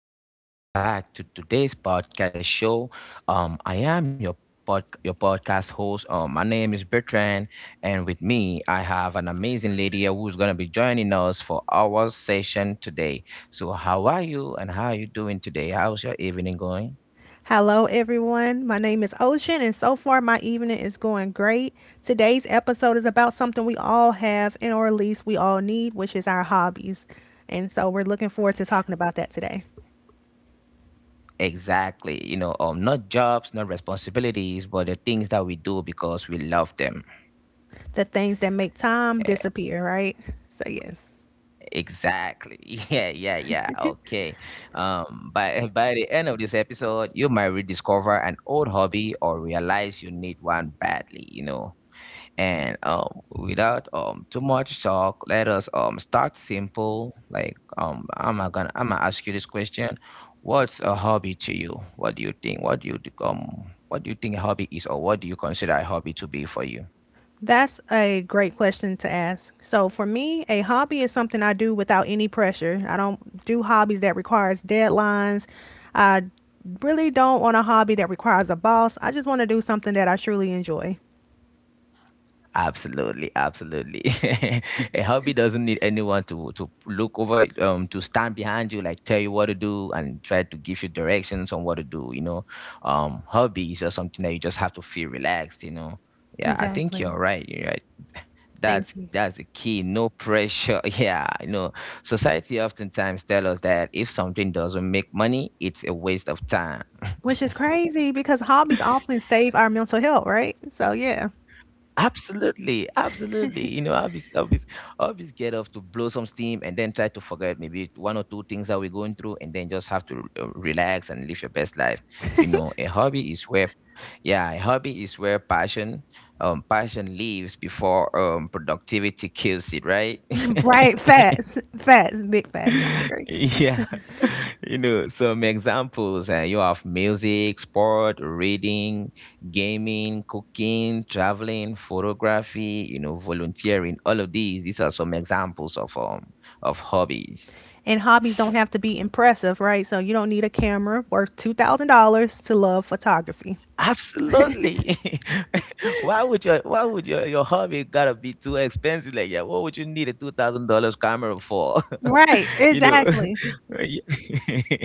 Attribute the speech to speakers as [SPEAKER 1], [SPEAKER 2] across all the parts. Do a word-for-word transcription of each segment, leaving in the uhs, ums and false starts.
[SPEAKER 1] everyone? Welcome back to today's podcast show. Um, I am your pod, your podcast host. Um, my name is Bertrand, and with me, I have an amazing lady who's gonna be joining us for our session today. So, how are you, and how are you doing today? How's your evening going?
[SPEAKER 2] Hello, everyone. My name is Ocean, and so far my evening is going great. Today's episode is about something we all have, and or at least we all need, which is our hobbies. And so we're looking forward to talking about that today.
[SPEAKER 1] Exactly. You know, um, not jobs, not responsibilities, but the things that we do because we love them.
[SPEAKER 2] The things that make time disappear, right? So, yes.
[SPEAKER 1] Exactly. Yeah, yeah, yeah. Okay. Um, by by the end of this episode, you might rediscover an old hobby or realize you need one badly, you know. And um, Without um too much talk, let us um start simple. Like um, I'm gonna I'm gonna ask you this question: What's a hobby to you? What do you think? What do you d- um What do you think a hobby is, or what do you consider a hobby to be for you?
[SPEAKER 2] That's a great question to ask. So for me, a hobby is something I do without any pressure. I don't do hobbies that requires deadlines. I really don't want a hobby that requires a boss. I just want to do something that I truly enjoy.
[SPEAKER 1] Absolutely, absolutely. A hobby doesn't need anyone to to look over, um, to stand behind you, like tell you what to do and try to give you directions on what to do. You know, um, hobby is just something that you just have to feel relaxed. You know, yeah, I think
[SPEAKER 2] Exactly.
[SPEAKER 1] you're right. You're right. That's
[SPEAKER 2] Thank you.
[SPEAKER 1] that's the key. No pressure. Yeah, you know, society oftentimes tell us that if something doesn't make money, it's a waste of time.
[SPEAKER 2] Which is crazy because hobbies often save our mental health, right? So yeah.
[SPEAKER 1] Absolutely, absolutely. You know, always, always, always get off to blow some steam and then try to forget maybe one or two things that we're going through, and then just have to uh, relax and live your best life. You know, a hobby is where, yeah, a hobby is where passion, um, passion lives before um productivity kills it, right?
[SPEAKER 2] Right, facts, facts, big facts. I agree.
[SPEAKER 1] Yeah, you know, some examples uh, you have music, sport, reading, gaming, cooking, traveling, photography, you know, volunteering, all of these. These are some examples of um of hobbies.
[SPEAKER 2] And hobbies don't have to be impressive, right? So you don't need a camera worth two thousand dollars to love photography.
[SPEAKER 1] Absolutely. Why would your why would your, your hobby gotta be too expensive like that? What would you need a two thousand dollars camera for?
[SPEAKER 2] Right,
[SPEAKER 1] You know,
[SPEAKER 2] exactly.
[SPEAKER 1] y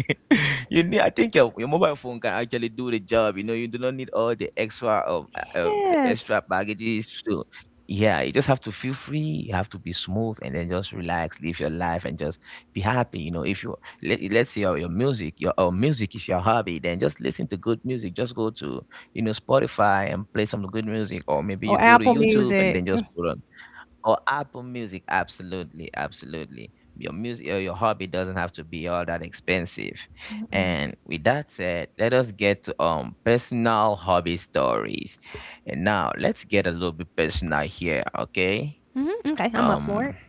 [SPEAKER 1] you need I think your your mobile phone can actually do the job, you know, you do not need all the extra, um, uh, uh, the
[SPEAKER 2] Yes.
[SPEAKER 1] extra baggages. So yeah, you just have to feel free, you have to be smooth, and then just relax, live your life, and just be happy, you know, if you let let's say your your music your, uh, music is your hobby, then just listen to good music, just go to, you know, Spotify and play some good music, or maybe you
[SPEAKER 2] Or
[SPEAKER 1] go to
[SPEAKER 2] Apple
[SPEAKER 1] YouTube and
[SPEAKER 2] Music.
[SPEAKER 1] then just put on or Apple Music, absolutely, absolutely. Your music or your hobby doesn't have to be all that expensive. And with that said, let us get to um personal hobby stories. And now let's get a little bit personal here, okay?
[SPEAKER 2] Hmm Okay, I'm up for it.
[SPEAKER 1] Um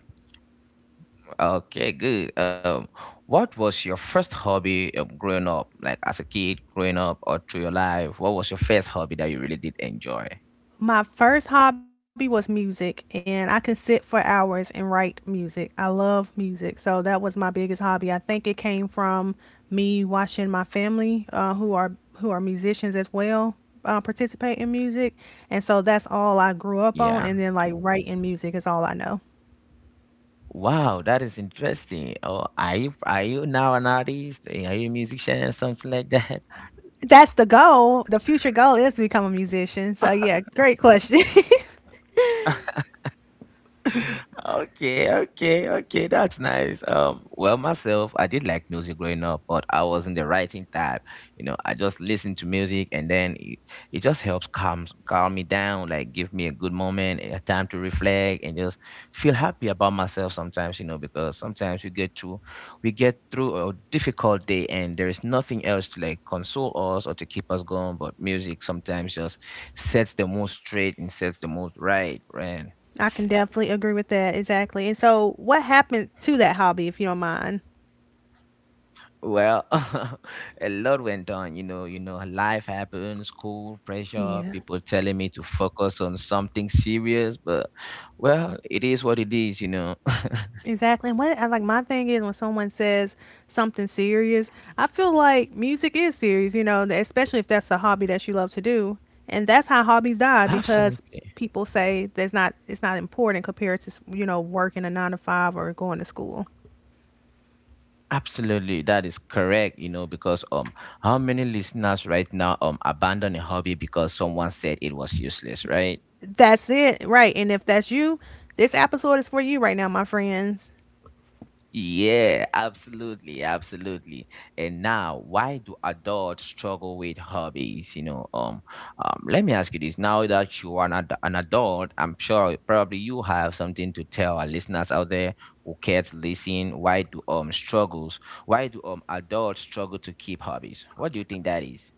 [SPEAKER 1] Okay, good. Um, what was your first hobby um, growing up? Like as a kid, growing up, or through your life? What was your first hobby that you really did enjoy?
[SPEAKER 2] My first hobby was music, and I can sit for hours and write music. I love music, so that was my biggest hobby. I think it came from me watching my family, uh, who are who are musicians as well, uh, participate in music. And so that's all I grew up on,
[SPEAKER 1] Yeah.
[SPEAKER 2] and then like writing music is all I know.
[SPEAKER 1] Wow, that is interesting. Oh, are you are you now an artist? Are you a musician or something like that?
[SPEAKER 2] That's the goal. The future goal is to become a musician, so yeah, great question.
[SPEAKER 1] Okay, okay, okay. That's nice. Um, well, myself, I did like music growing up, but I wasn't the writing type. You know, I just listened to music, and then it, it just helps calm calm me down, like give me a good moment, a time to reflect, and just feel happy about myself. Sometimes, you know, because sometimes we get to we get through a difficult day, and there is nothing else to like console us or to keep us going, but music sometimes just sets the mood straight and sets the mood right, right.
[SPEAKER 2] I can definitely agree with that, exactly. And so what happened to that hobby, if you don't mind?
[SPEAKER 1] Well, a lot went on, you know, you know, life happens, school, pressure,
[SPEAKER 2] Yeah.
[SPEAKER 1] people telling me to focus on something serious, but well, it is what it is, you know.
[SPEAKER 2] Exactly. And what I like, my thing is when someone says something serious, I feel like music is serious, you know, especially if that's a hobby that you love to do. And that's how hobbies die, because
[SPEAKER 1] Absolutely.
[SPEAKER 2] people say that's not it's not important compared to, you know, working a nine to five or going to school.
[SPEAKER 1] Absolutely. That is correct, you know, because um how many listeners right now um abandon a hobby because someone said it was useless, right?
[SPEAKER 2] That's it. Right. And if that's you, this episode is for you right now, my friends.
[SPEAKER 1] Yeah, absolutely, absolutely. And now, why do adults struggle with hobbies? You know, um, um, let me ask you this. Now that you are an, ad- an adult, I'm sure probably you have something to tell our listeners out there who care to listen. Why do um struggles? Why do um adults struggle to keep hobbies? What do you think that is?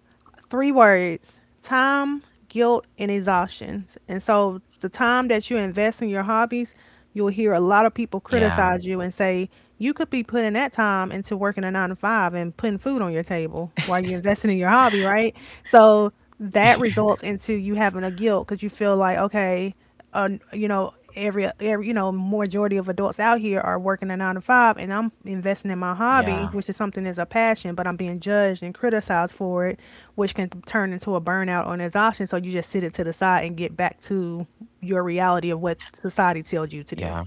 [SPEAKER 2] Three words: time, guilt, and exhaustion. And so the time that you invest in your hobbies, you'll hear a lot of people
[SPEAKER 1] Yeah,
[SPEAKER 2] criticize you and say, you could be putting that time into working a nine to five and putting food on your table while you're investing in your hobby, right? So that results into you having a guilt because you feel like, okay, uh, you know, every, every you know majority of adults out here are working a nine to five, and I'm investing in my hobby,
[SPEAKER 1] yeah,
[SPEAKER 2] which is something that's a passion, but I'm being judged and criticized for it, which can turn into a burnout or an exhaustion. So you just sit it to the side and get back to your reality of what society tells you to do.
[SPEAKER 1] yeah.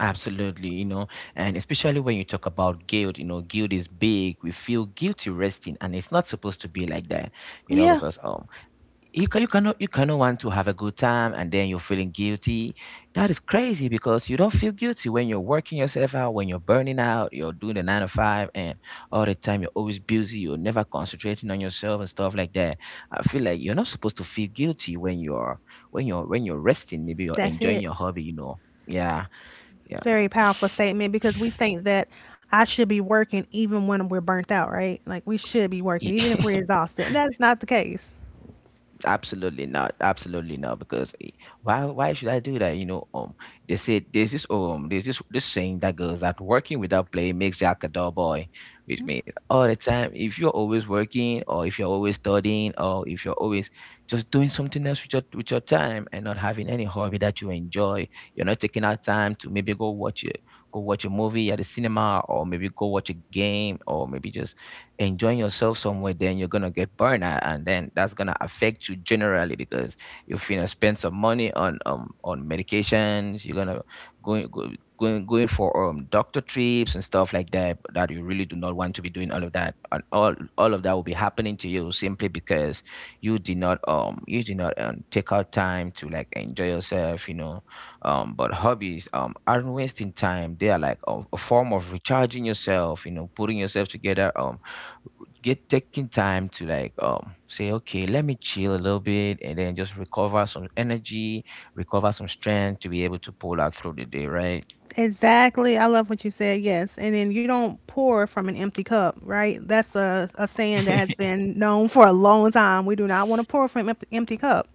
[SPEAKER 1] Absolutely, you know, and especially when you talk about guilt, you know, guilt is big. We feel guilty resting, and it's not supposed to be like that, you know,
[SPEAKER 2] Yeah,
[SPEAKER 1] because um, you can you cannot you cannot want to have a good time and then you're feeling guilty. That is crazy because you don't feel guilty when you're working yourself out, when you're burning out, you're doing the nine to five, and all the time you're always busy, you're never concentrating on yourself and stuff like that. I feel like you're not supposed to feel guilty when you're when you're when you're resting. Maybe you're
[SPEAKER 2] that's
[SPEAKER 1] enjoying
[SPEAKER 2] it.
[SPEAKER 1] your hobby, you know. Yeah. Yeah.
[SPEAKER 2] Very powerful statement, because we think that I should be working even when we're burnt out, right? Like we should be working
[SPEAKER 1] Y-
[SPEAKER 2] even if we're exhausted. And that's not the case.
[SPEAKER 1] absolutely not, absolutely not, because eh, why why should I do that? You know um they say there's this um there's this this saying that goes that working without play makes Jack a dull boy, which means all the time, if you're always working or if you're always studying or if you're always just doing something else with your with your time and not having any hobby that you enjoy, you're not taking out time to maybe go watch a go watch a movie at the cinema or maybe go watch a game or maybe just enjoying yourself somewhere, then you're gonna get burnout, and then that's gonna affect you generally because you're gonna spend some money on um on medications. You're gonna going go, going going for um doctor trips and stuff like that that you really do not want to be doing all of that, and all all of that will be happening to you simply because you did not um you did not um, take out time to like enjoy yourself, you know. Um, but hobbies um aren't wasting time. They are like a, a form of recharging yourself, you know, putting yourself together. Um get Taking time to like um say okay, let me chill a little bit and then just recover some energy recover some strength to be able to pull out through the day, right?
[SPEAKER 2] Exactly. I love what you said. Yes. And then you don't pour from an empty cup, right? That's a, a saying that has been known for a long time. We do not want to pour from an emp- empty cup.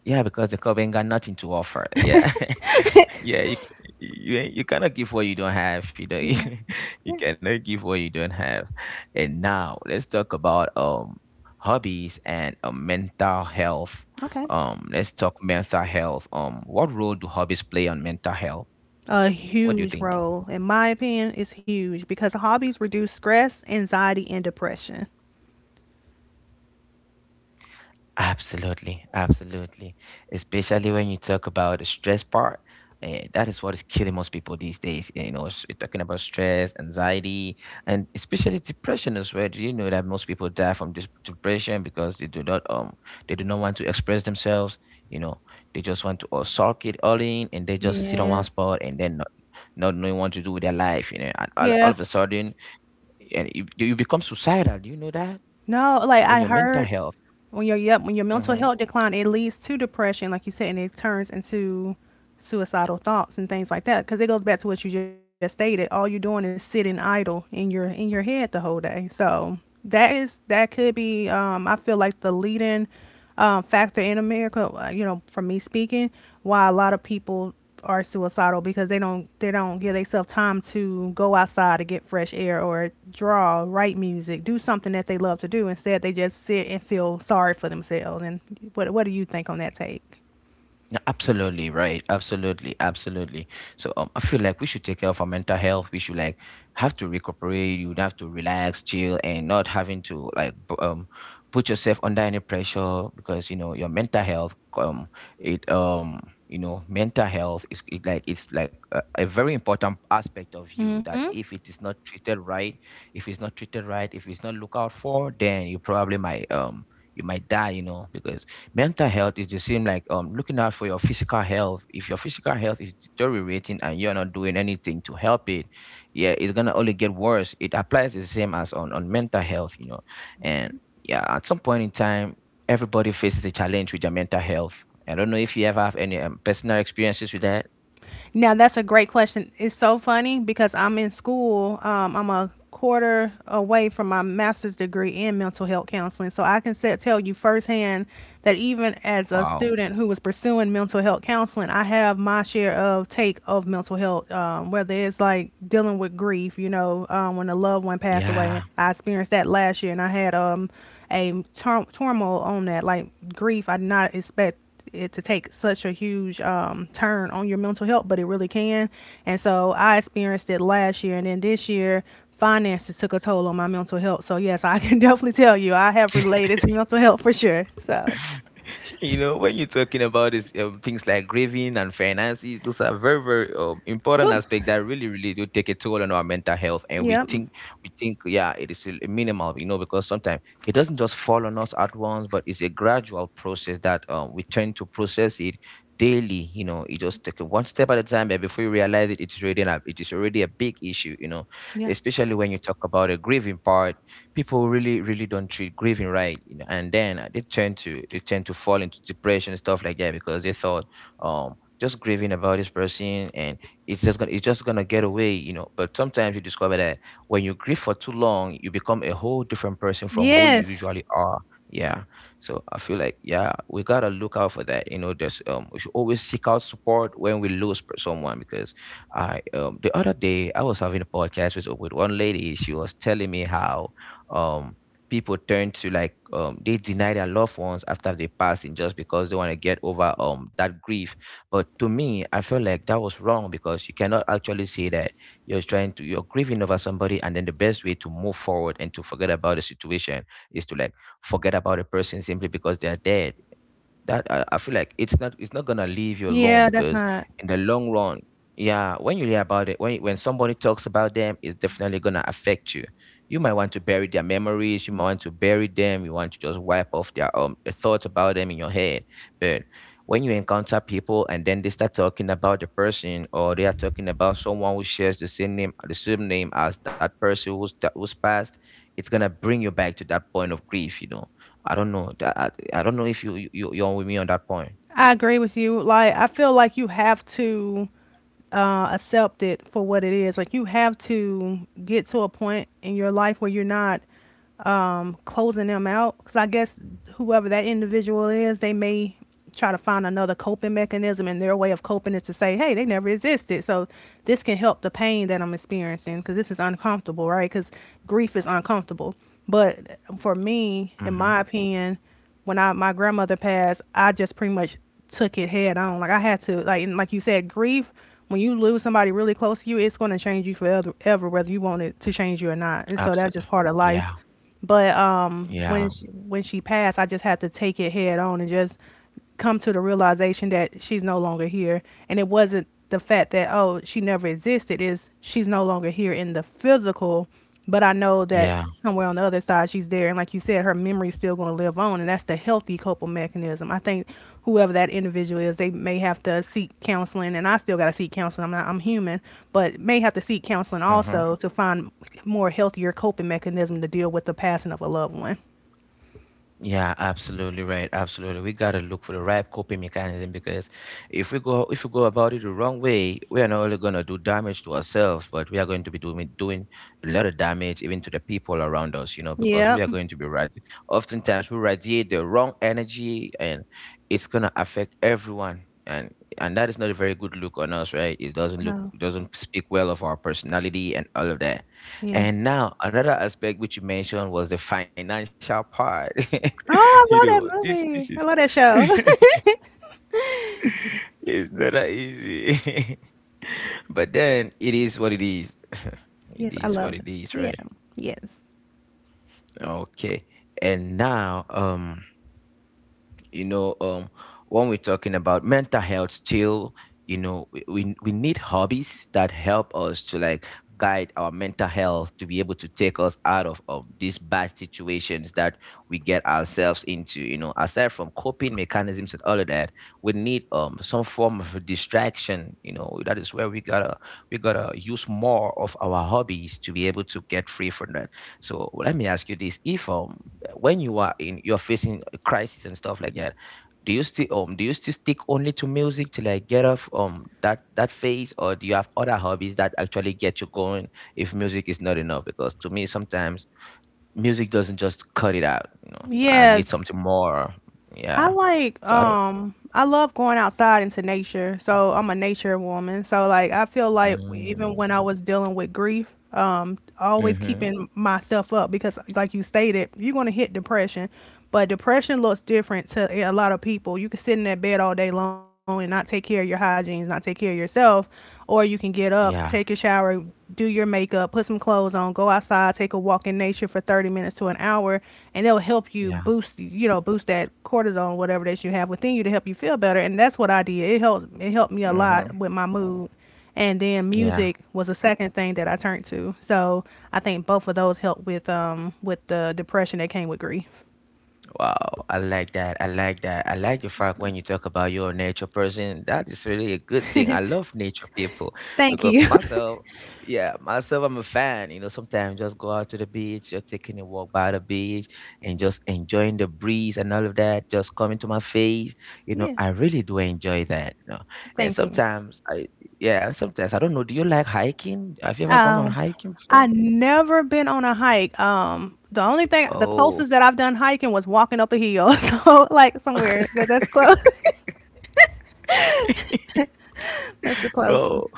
[SPEAKER 1] Yeah, because the club ain't got nothing to offer. Yeah, yeah, you, you ain't- you cannot give what you don't have, you know.
[SPEAKER 2] Yeah. Yeah.
[SPEAKER 1] You cannot give what you don't have. And now let's talk about um hobbies and uh, mental health.
[SPEAKER 2] Okay.
[SPEAKER 1] Um let's talk mental health. Um what role do hobbies play on mental health?
[SPEAKER 2] A
[SPEAKER 1] What do you think?
[SPEAKER 2] huge role, in my opinion, is huge, because hobbies reduce stress, anxiety, and depression.
[SPEAKER 1] Absolutely, absolutely. Especially when you talk about the stress part, eh, that is what is killing most people these days. eh, You know, s- you're talking about stress, anxiety, and especially depression as well. Do you know that most people die from this depression because they do not um they do not want to express themselves. You know, they just want to all sulk it all in, and they just sit on
[SPEAKER 2] Yeah.
[SPEAKER 1] one spot and then not, not knowing what to do with their life. You know, and all, all
[SPEAKER 2] Yeah.
[SPEAKER 1] of a sudden, and you, you become suicidal. Do you know that
[SPEAKER 2] No, like
[SPEAKER 1] when
[SPEAKER 2] I
[SPEAKER 1] your mental
[SPEAKER 2] heard
[SPEAKER 1] health?
[SPEAKER 2] when your yep, when your mental
[SPEAKER 1] Mm-hmm.
[SPEAKER 2] health decline, it leads to depression, like you said, and it turns into suicidal thoughts and things like that. Because it goes back to what you just stated. All you're doing is sitting idle in your in your head the whole day. So that is, that could be, Um, I feel like the leading um, factor in America. uh, You know, from me speaking, why a lot of people are suicidal, because they don't they don't give themselves time to go outside to get fresh air or draw, write music, do something that they love to do. Instead, they just sit and feel sorry for themselves. And what what do you think on that take?
[SPEAKER 1] Absolutely right. Absolutely, absolutely. So um, I feel like we should take care of our mental health. We should like have to recuperate. You would have to relax, chill, and not having to like b- um put yourself under any pressure because you know your mental health um it um you know mental health is it like it's like a, a very important aspect of you that
[SPEAKER 2] Mm-hmm.
[SPEAKER 1] if it is not treated right, if it's not treated right, if it's not looked out for, then you probably might um you might die. You know, because mental health is the same like um looking out for your physical health. If your physical health is deteriorating and you're not doing anything to help it, yeah, it's gonna only get worse. It applies the same as on on mental health, you know. And yeah, at some point in time, everybody faces a challenge with their mental health. I don't know if you ever have any um, personal experiences with that.
[SPEAKER 2] Now that's a great question. It's so funny because I'm in school. Um, I'm a quarter away from my master's degree in mental health counseling, so I can say, tell you firsthand that even as a
[SPEAKER 1] Wow,
[SPEAKER 2] student who was pursuing mental health counseling, I have my share of take of mental health, um, whether it's like dealing with grief. You know, um, when a loved one passed
[SPEAKER 1] yeah.
[SPEAKER 2] away, I experienced that last year, and I had um a tur- turmoil on that, like grief. I did not expect it to take such a huge um, turn on your mental health, but it really can. And so I experienced it last year, and then this year finances took a toll on my mental health. So yes, I can definitely tell you I have related to mental health for sure. So,
[SPEAKER 1] You know, when you're talking about this, um, things like grieving and finances, those are very, very um, important
[SPEAKER 2] whew.
[SPEAKER 1] aspect that really, really do take a toll on our mental health. And we
[SPEAKER 2] Yep.
[SPEAKER 1] think, we think, yeah, it is a minimal, you know, because sometimes it doesn't just fall on us at once, but it's a gradual process that um, we tend to process it daily. You know, it just take it one step at a time, and before you realize it, it's already a, it is already a big issue. You know,
[SPEAKER 2] Yeah.
[SPEAKER 1] especially when you talk about a grieving part, people really really don't treat grieving right, you know. And then uh, they tend to they tend to fall into depression and stuff like that because they thought um just grieving about this person, and it's just gonna it's just gonna get away, you know. But sometimes you discover that when you grieve for too long, you become a whole different person from who you
[SPEAKER 2] Yes.
[SPEAKER 1] usually are. Yeah. So I feel like, yeah, we gotta look out for that, you know. There's um We should always seek out support when we lose per- someone. Because I um the other day I was having a podcast with with one lady. She was telling me how um people turn to, like, um they deny their loved ones after they pass in, just because they want to get over um that grief. But to me, I feel like that was wrong, because you cannot actually say that you're trying to you're grieving over somebody and then the best way to move forward and to forget about the situation is to, like, forget about a person simply because they are dead. That I, I
[SPEAKER 2] Yeah.
[SPEAKER 1] feel like
[SPEAKER 2] That's
[SPEAKER 1] it's not
[SPEAKER 2] not.
[SPEAKER 1] it's not gonna leave you alone, because in the long run, yeah, when you hear about it, when when somebody talks about them, it's definitely gonna affect you. You might want to bury their memories, you might want to bury them, you want to just wipe off their um the thoughts about them in your head. But when you encounter people and then they start talking about the person, or they are talking about someone who shares the same name, the same name as that person who's that who's passed, it's gonna bring you back to that point of grief, you know. I don't know. That I, I don't know if you you you- are with me on that point.
[SPEAKER 2] I agree with you. Like I feel like you have to uh, accept it for what it is. Like you have to get to a point in your life where you're not um, closing them out, because I guess whoever that individual is, they may try to find another coping mechanism, and their way of coping is to say, "Hey, they never existed." So this can help the pain that I'm experiencing, because this is uncomfortable, right? Because grief is uncomfortable. But for me, in
[SPEAKER 1] Mhm.
[SPEAKER 2] my opinion, when I, my grandmother passed, I just pretty much took it head on. Like I had to, like, and like you said, grief. When you lose somebody really close to you, it's going to change you forever, ever, whether you want it to change you or not. And so that's just
[SPEAKER 1] Absolutely.
[SPEAKER 2] part of life.
[SPEAKER 1] Yeah.
[SPEAKER 2] But um, when
[SPEAKER 1] Yeah.
[SPEAKER 2] she, when she passed, I just had to take it head on and just come to the realization that she's no longer here. And it wasn't the fact that oh, she never existed, is she's no longer here in the physical, but I know that
[SPEAKER 1] Yeah.
[SPEAKER 2] somewhere on the other side she's there. And like you said, her memory's still going to live on, and that's the healthy coping mechanism. I think whoever that individual is, they may have to seek counseling, and I still got to seek counseling. I'm not, I'm human, but may have to seek counseling
[SPEAKER 1] Mhm.
[SPEAKER 2] also to find more healthier coping mechanism to deal with the passing of a loved one.
[SPEAKER 1] Yeah, absolutely right. Absolutely. We gotta look for the right coping mechanism, because if we go if we go about it the wrong way, we are not only gonna do damage to ourselves, but we are going to be doing doing a lot of damage even to the people around us, you know, because
[SPEAKER 2] Yep.
[SPEAKER 1] we are going to be right. Oftentimes we radiate the wrong energy, and it's gonna affect everyone. And and that is not a very good look on us, right? It doesn't look
[SPEAKER 2] No.
[SPEAKER 1] it doesn't speak well of our personality and all of that.
[SPEAKER 2] Yeah.
[SPEAKER 1] And now another aspect which you mentioned was the financial part.
[SPEAKER 2] Oh,
[SPEAKER 1] You know,
[SPEAKER 2] I
[SPEAKER 1] this
[SPEAKER 2] love that
[SPEAKER 1] this is
[SPEAKER 2] movie. I love that show.
[SPEAKER 1] it's not that easy. But then it is what it is. It
[SPEAKER 2] yes, I
[SPEAKER 1] is what
[SPEAKER 2] love it.
[SPEAKER 1] it is,
[SPEAKER 2] Yeah.
[SPEAKER 1] right?
[SPEAKER 2] Yes.
[SPEAKER 1] Okay. And now, um you know um when we're talking about mental health still, you know, we, we we need hobbies that help us to, like, guide our mental health to be able to take us out of, of these bad situations that we get ourselves into, you know. Aside from coping mechanisms and all of that, we need um some form of a distraction, you know. That is where we gotta we gotta use more of our hobbies to be able to get free from that. So let me ask you this. If um When you are in, you're facing a crisis and stuff like that, do you still um do you still stick only to music to, like, get off um that that phase? Or do you have other hobbies that actually get you going, if music is not enough? Because to me, sometimes music doesn't just cut it out, you know. I need
[SPEAKER 2] Yes.
[SPEAKER 1] something more.
[SPEAKER 2] I
[SPEAKER 1] Yeah.
[SPEAKER 2] like
[SPEAKER 1] So I don't.
[SPEAKER 2] um I love going outside into nature. So I'm a nature woman. So like I feel like even when I
[SPEAKER 1] mm,
[SPEAKER 2] was dealing with grief, um, always
[SPEAKER 1] mm-hmm.
[SPEAKER 2] keeping myself up, because like you stated, you're going to hit depression. But depression looks different to a lot of people. You can sit in that bed all day long and not take care of your hygiene, not take care of yourself, or you can get up,
[SPEAKER 1] Yeah.
[SPEAKER 2] take shower, do your makeup, put some clothes on, go outside, take a walk in nature for thirty minutes to an hour, and it'll help you
[SPEAKER 1] Yeah.
[SPEAKER 2] boost, you know, boost that cortisol, whatever that you have within you to help you feel better. And that's what I did. It helped, it helped me a
[SPEAKER 1] Mm-hmm.
[SPEAKER 2] lot with my mood. And then
[SPEAKER 1] Yeah.
[SPEAKER 2] music was a second thing that I turned to. So I think both of those helped with, um, with the depression that came with grief.
[SPEAKER 1] Wow, I like that. I like that. I like the fact when you talk about you're a nature person, that is really a good thing. I love nature people, because
[SPEAKER 2] Thank you.
[SPEAKER 1] myself, yeah, myself, I'm a fan. You know, sometimes just go out to the beach, just taking a walk by the beach and just enjoying the breeze and all of that, just coming to my face. You know,
[SPEAKER 2] yeah.
[SPEAKER 1] I really do enjoy that. You know, and
[SPEAKER 2] Thank you.
[SPEAKER 1] sometimes I, yeah, and sometimes I don't know. Do you like hiking? Have you ever gone on
[SPEAKER 2] Um,
[SPEAKER 1] hiking before?
[SPEAKER 2] I never been on a hike. Um, the only thing, the
[SPEAKER 1] Oh.
[SPEAKER 2] closest that I've done hiking was walking up a hill. So like somewhere that that's close. That's the
[SPEAKER 1] Oh.
[SPEAKER 2] closest.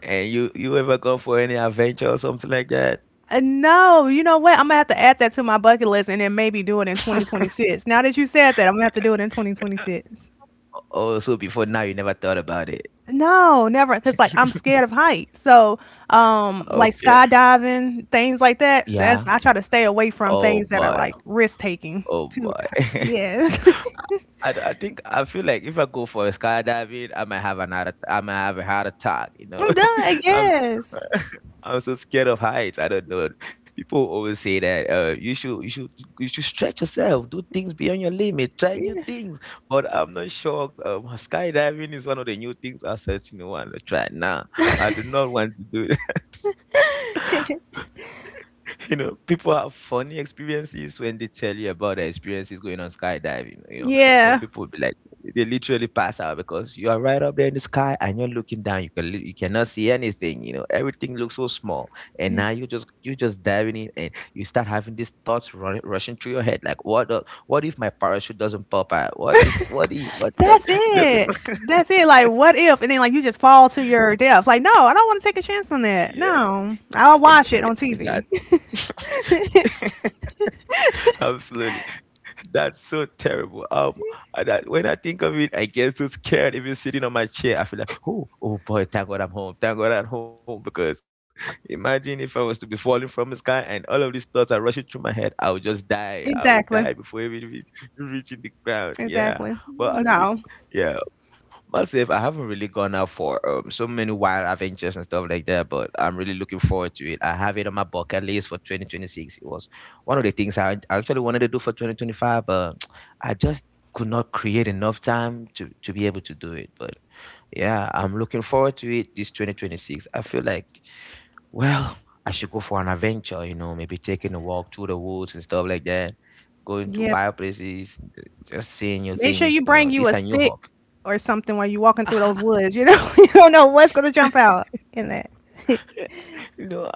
[SPEAKER 1] And you you ever go for any adventure or something like that?
[SPEAKER 2] Uh, no, you know what? I'm gonna have to add that to my bucket list and then maybe do it in twenty twenty-six. Now that you said that, I'm gonna have
[SPEAKER 1] Yeah.
[SPEAKER 2] to do it in twenty twenty-six.
[SPEAKER 1] Oh, so before now you never thought about it.
[SPEAKER 2] No, never, because like I'm scared of heights. So, um, like
[SPEAKER 1] Okay.
[SPEAKER 2] skydiving, things like that. That's,
[SPEAKER 1] Yeah.
[SPEAKER 2] I try to stay away from
[SPEAKER 1] Oh
[SPEAKER 2] things that are
[SPEAKER 1] boy.
[SPEAKER 2] like risk taking.
[SPEAKER 1] Oh
[SPEAKER 2] Too,
[SPEAKER 1] boy.
[SPEAKER 2] yes.
[SPEAKER 1] I, d- I think I feel like if I go for a skydiving, I might have an heart atta- I might have a heart attack. You know,
[SPEAKER 2] I'm done.
[SPEAKER 1] I'm
[SPEAKER 2] Yes.
[SPEAKER 1] s- I'm so scared of heights. I don't know. People always say that uh, you should you should you should stretch yourself, do things beyond your limit, try new things. But I'm not sure. Um, skydiving is one of the new things I certainly want to try now. I do not want to do it. You know, people have funny experiences when they tell you about their experiences going on skydiving. You know, some
[SPEAKER 2] Yeah.
[SPEAKER 1] people be like, they literally pass out because you are right up there in the sky and you're looking down. You can lit- you cannot see anything. You know, everything looks so small, and
[SPEAKER 2] Yeah.
[SPEAKER 1] now you just you just diving in, and you start having these thoughts running, rushing through your head, like, what the, what if my parachute doesn't pop out? What if what if what if
[SPEAKER 2] That's
[SPEAKER 1] it doesn't?
[SPEAKER 2] it. That's it. Like, what if? And then, like, you just fall to your death. Like, no, I don't want to take a chance on that.
[SPEAKER 1] Yeah,
[SPEAKER 2] No, I'll
[SPEAKER 1] and,
[SPEAKER 2] watch it on
[SPEAKER 1] and that
[SPEAKER 2] T V.
[SPEAKER 1] absolutely. That's so terrible. Um, I- that, when I think of it, I get so scared. Even sitting on my chair, I feel like, oh, oh boy, thank God I'm home. Thank God I'm home. Because imagine if I was to be falling from the sky and all of these thoughts are rushing through my head, I would just die.
[SPEAKER 2] exactly.
[SPEAKER 1] I would die before even re- reaching the ground.
[SPEAKER 2] Exactly.
[SPEAKER 1] Yeah,
[SPEAKER 2] No.
[SPEAKER 1] but I, thi- yeah, myself, I haven't really gone out for um so many wild adventures and stuff like that, but I'm really looking forward to it. I have it on my bucket list for twenty twenty-six. It was one of the things I actually wanted to do for two thousand twenty-five, but I just could not create enough time to to be able to do it. But yeah, I'm looking forward to it this twenty twenty-six. I feel like, well, I should go for an adventure, you know, maybe taking a walk through the woods and stuff like that, going to
[SPEAKER 2] Yep.
[SPEAKER 1] wild places, just seeing new
[SPEAKER 2] Make sure
[SPEAKER 1] things,
[SPEAKER 2] you
[SPEAKER 1] you know.
[SPEAKER 2] bring you
[SPEAKER 1] These
[SPEAKER 2] a
[SPEAKER 1] are new
[SPEAKER 2] stick or something while you're walking through those
[SPEAKER 1] hobbies.
[SPEAKER 2] woods. You know, you don't know what's gonna jump out in that.
[SPEAKER 1] You know,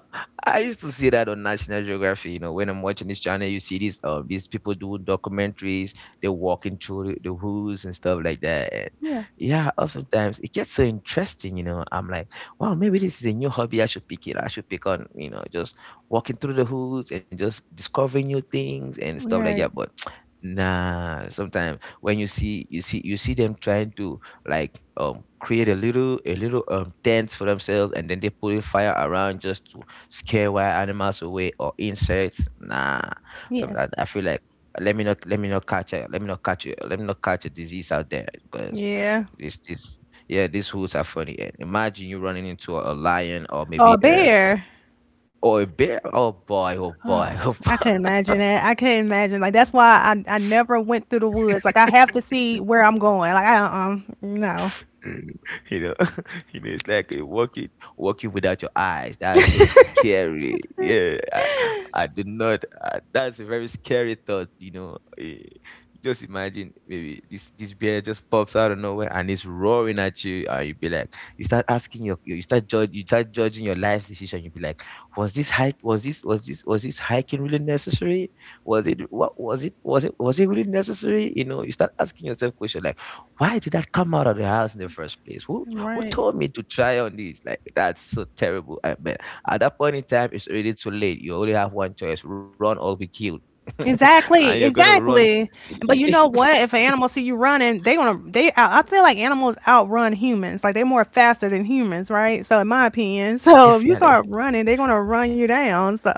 [SPEAKER 1] I used to see that on National Geography. You know, when I'm watching this channel, you see these um these people doing documentaries. They're walking through the, the woods and stuff like that. And
[SPEAKER 2] Yeah.
[SPEAKER 1] yeah, oftentimes it gets so interesting. You know, I'm like, wow, maybe this is a new hobby. I should pick it. I should pick on, you know, just walking through the woods and just discovering new things and stuff
[SPEAKER 2] All
[SPEAKER 1] like that.
[SPEAKER 2] right.
[SPEAKER 1] But nah, sometimes when you see you see you see them trying to, like, um create a little a little um tent for themselves and then they put a fire around just to scare wild animals away or insects, nah,
[SPEAKER 2] Yeah.
[SPEAKER 1] something like that. I feel like, let me not let me not catch a let me not catch a let me not catch a disease out there, because
[SPEAKER 2] Yeah.
[SPEAKER 1] this this, yeah, these rules are funny. And imagine you running into a, a lion, or
[SPEAKER 2] Or a
[SPEAKER 1] maybe a,
[SPEAKER 2] bear.
[SPEAKER 1] or a bear. Oh boy, oh boy. Oh
[SPEAKER 2] I could
[SPEAKER 1] boy.
[SPEAKER 2] imagine that. I could imagine. Like that's why I I never went through the woods. Like I have to see where I'm going. Like I, um, no.
[SPEAKER 1] You know, you know, it's like, uh, walking, walking without your eyes. That's so scary. Yeah, I, I do not. Uh, that's a very scary thought. You know, eh, just imagine maybe this this bear just pops out of nowhere and it's roaring at you, and you be like, you start asking your, you start judge, you start judging your life decision. You be like, was this hike, was this, was this, was this hiking really necessary? Was it, what was it, was it, was it really necessary? You know, you start asking yourself questions like, why did that come out of the house in the first place? Who who
[SPEAKER 2] Right.
[SPEAKER 1] told me to try on this? Like, that's so terrible. I mean, at that point in time, it's already too late. You only have one choice: run or be killed. And you're
[SPEAKER 2] Exactly.
[SPEAKER 1] gonna run.
[SPEAKER 2] Exactly. But you know what? If an animal see you running, they gonna they I I feel like animals outrun humans. Like they're more faster than humans, right? So in my opinion. So if you
[SPEAKER 1] Definitely,
[SPEAKER 2] start running, they're gonna run you down. So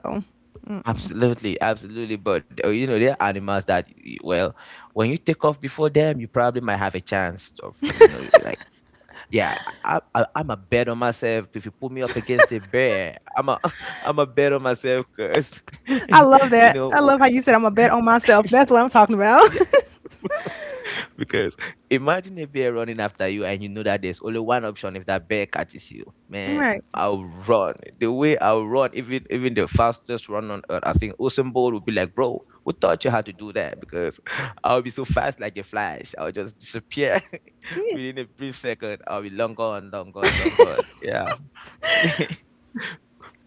[SPEAKER 1] absolutely, absolutely. But uh, you know, there are animals that, y- well, when you take off before them, you probably might have a chance of, you know, like, yeah, I, I, I'm a bet on myself. If you put me up against a bear, I'm a, I'm a bet on myself because,
[SPEAKER 2] I love
[SPEAKER 1] you
[SPEAKER 2] that. I
[SPEAKER 1] know,
[SPEAKER 2] love how you said I'm a bet on myself. That's what I'm talking about.
[SPEAKER 1] Because imagine a bear running after you and you know that there's only one option if that bear catches you. Man,
[SPEAKER 2] Right.
[SPEAKER 1] I'll run. The way I'll run, even even the fastest run on earth, I think Usain Bolt would be like, bro, who taught you how to do that? Because I'll be so fast like a flash. I'll just disappear
[SPEAKER 2] Yeah.
[SPEAKER 1] within a brief second. I'll be long gone, long gone, long gone. Yeah.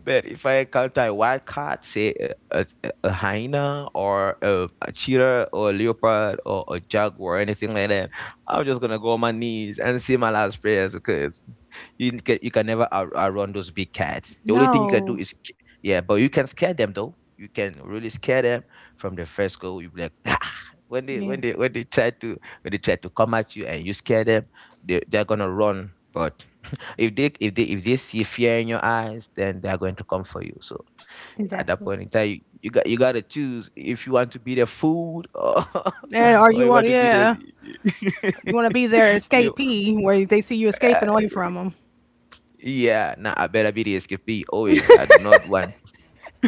[SPEAKER 1] But if I encounter a wild cat, say a, a, a a hyena or a, a cheetah or a leopard or a jaguar or anything like that, I'm just gonna go on my knees and say my last prayers because you can, you can never out, outrun those big cats. The only thing you can do
[SPEAKER 2] No.
[SPEAKER 1] is sca- yeah, but you can scare them though. You can really scare them from the first go. You be like when they
[SPEAKER 2] Yeah.
[SPEAKER 1] when they when they try to when they try to come at you and you scare them, they they're gonna run. But if they if they if they see fear in your eyes, then they are going to come for you. So at that
[SPEAKER 2] Exactly.
[SPEAKER 1] point in time, you, you got you gotta choose if you want to be the fool or
[SPEAKER 2] And are
[SPEAKER 1] or
[SPEAKER 2] you
[SPEAKER 1] you want
[SPEAKER 2] want?
[SPEAKER 1] to be
[SPEAKER 2] Yeah,
[SPEAKER 1] the
[SPEAKER 2] you want to be their
[SPEAKER 1] you know,
[SPEAKER 2] escapee where they see you escaping
[SPEAKER 1] uh,
[SPEAKER 2] away from them.
[SPEAKER 1] yeah. Nah, I better be the escapee always. I do not want.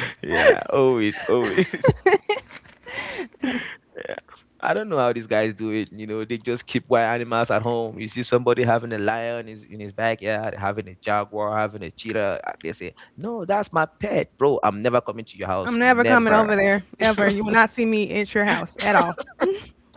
[SPEAKER 1] Yeah, always, always. Yeah. I don't know how these guys do it. You know, they just keep wild animals at home. You see somebody having a lion in his, in his backyard, having a jaguar, having a cheetah. uh, They say, "No, that's my pet, bro. I'm never coming to your house,
[SPEAKER 2] I'm never coming
[SPEAKER 1] never."
[SPEAKER 2] over there ever. You will not see me at your house at all,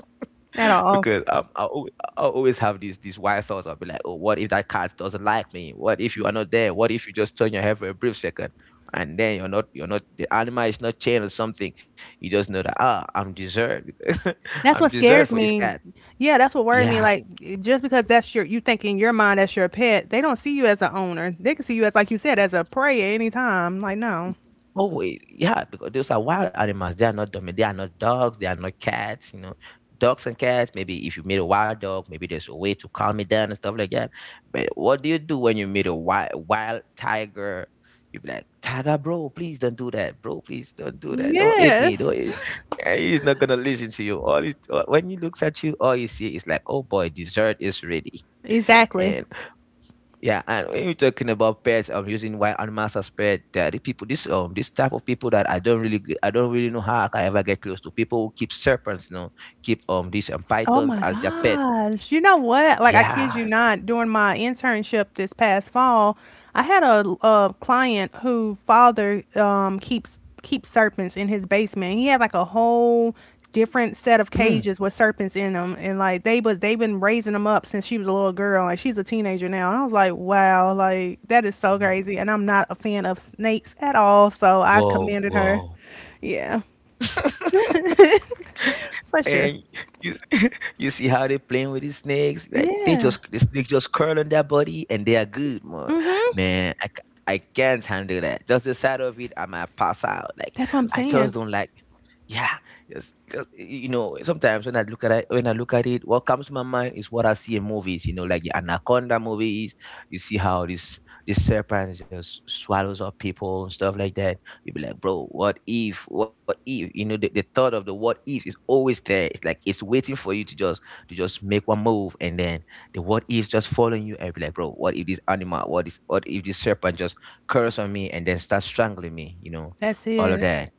[SPEAKER 2] at
[SPEAKER 1] Because
[SPEAKER 2] all.
[SPEAKER 1] um, I always, I always have these these wild thoughts. I'll be like, "Oh, what if that cat doesn't like me? What if you are not there? What if you just turn your head for a brief second, and then you're not you're not the animal is not chained or something? You just know that ah, I'm deserved." Because I'm
[SPEAKER 2] That's what
[SPEAKER 1] deserved
[SPEAKER 2] scares
[SPEAKER 1] for this
[SPEAKER 2] me.
[SPEAKER 1] cat.
[SPEAKER 2] Yeah, that's what worried me.
[SPEAKER 1] Yeah.
[SPEAKER 2] Like just because that's your you think in your mind that's your pet, they don't see you as a owner. They can see you as like you said as a prey at any time. Like no.
[SPEAKER 1] Y Always, yeah, because those are wild animals, they are not dumb. They are not dogs, they are not cats, you know? Dogs and cats, maybe if you meet a wild dog, maybe there's a way to calm it down and stuff like that, but what do you do when you meet a wild wild tiger? You be like, "Tiger, bro, please don't do that. Bro, please don't do that. Don't hit me, don't hit."
[SPEAKER 2] Yes.
[SPEAKER 1] And he's not gonna listen to you. All it When he looks at you, all you see is like, "Oh boy, dessert is ready."
[SPEAKER 2] Exactly.
[SPEAKER 1] And yeah, and when you're talking about pets, I'm using wild animals as pet. There are the people, this um, this type of people that I don't really, g- I don't really know how I can ever get close to. People who keep serpents, you know, keep um these um,
[SPEAKER 2] Oh
[SPEAKER 1] pythons
[SPEAKER 2] my
[SPEAKER 1] as their pet.
[SPEAKER 2] gosh. You know what? Like, I kid
[SPEAKER 1] Yeah.
[SPEAKER 2] you not, during my internship this past fall, I had a, a client whose father um, keeps keeps serpents in his basement. He had like a whole different set of
[SPEAKER 1] Hmm.
[SPEAKER 2] cages with serpents in them, and like they was they've been raising them up since she was a little girl, and she's a teenager now. And I was like, wow, like that is so crazy. And I'm not a fan of snakes at all, so I
[SPEAKER 1] Whoa,
[SPEAKER 2] commended her.
[SPEAKER 1] whoa.
[SPEAKER 2] Yeah, for sure.
[SPEAKER 1] And you, you see how they playing with these snakes. Like they
[SPEAKER 2] Yeah.
[SPEAKER 1] just the snakes just curl on their body and they are good, man.
[SPEAKER 2] Mm-hmm.
[SPEAKER 1] Man, I, ca- I can't handle that. Just the side of it, I might pass out. Like
[SPEAKER 2] That's what I'm
[SPEAKER 1] I just
[SPEAKER 2] saying.
[SPEAKER 1] don't like. Yeah, yes, 'cause, you know, sometimes when I look at it, when I look at it, what comes to my mind is what I see in movies. You know, like the Anaconda movies. You see how this this serpent just swallows up people and stuff like that. You be like, bro, what if? What if? You know, the, the thought of the what if is always there. It's like it's waiting for you to just to just make one move, and then the what ifs just following you. And be like, bro, what if this animal? What is? What if this serpent just curse on me and then start strangling me? You know,
[SPEAKER 2] That's
[SPEAKER 1] all of
[SPEAKER 2] it.
[SPEAKER 1] that.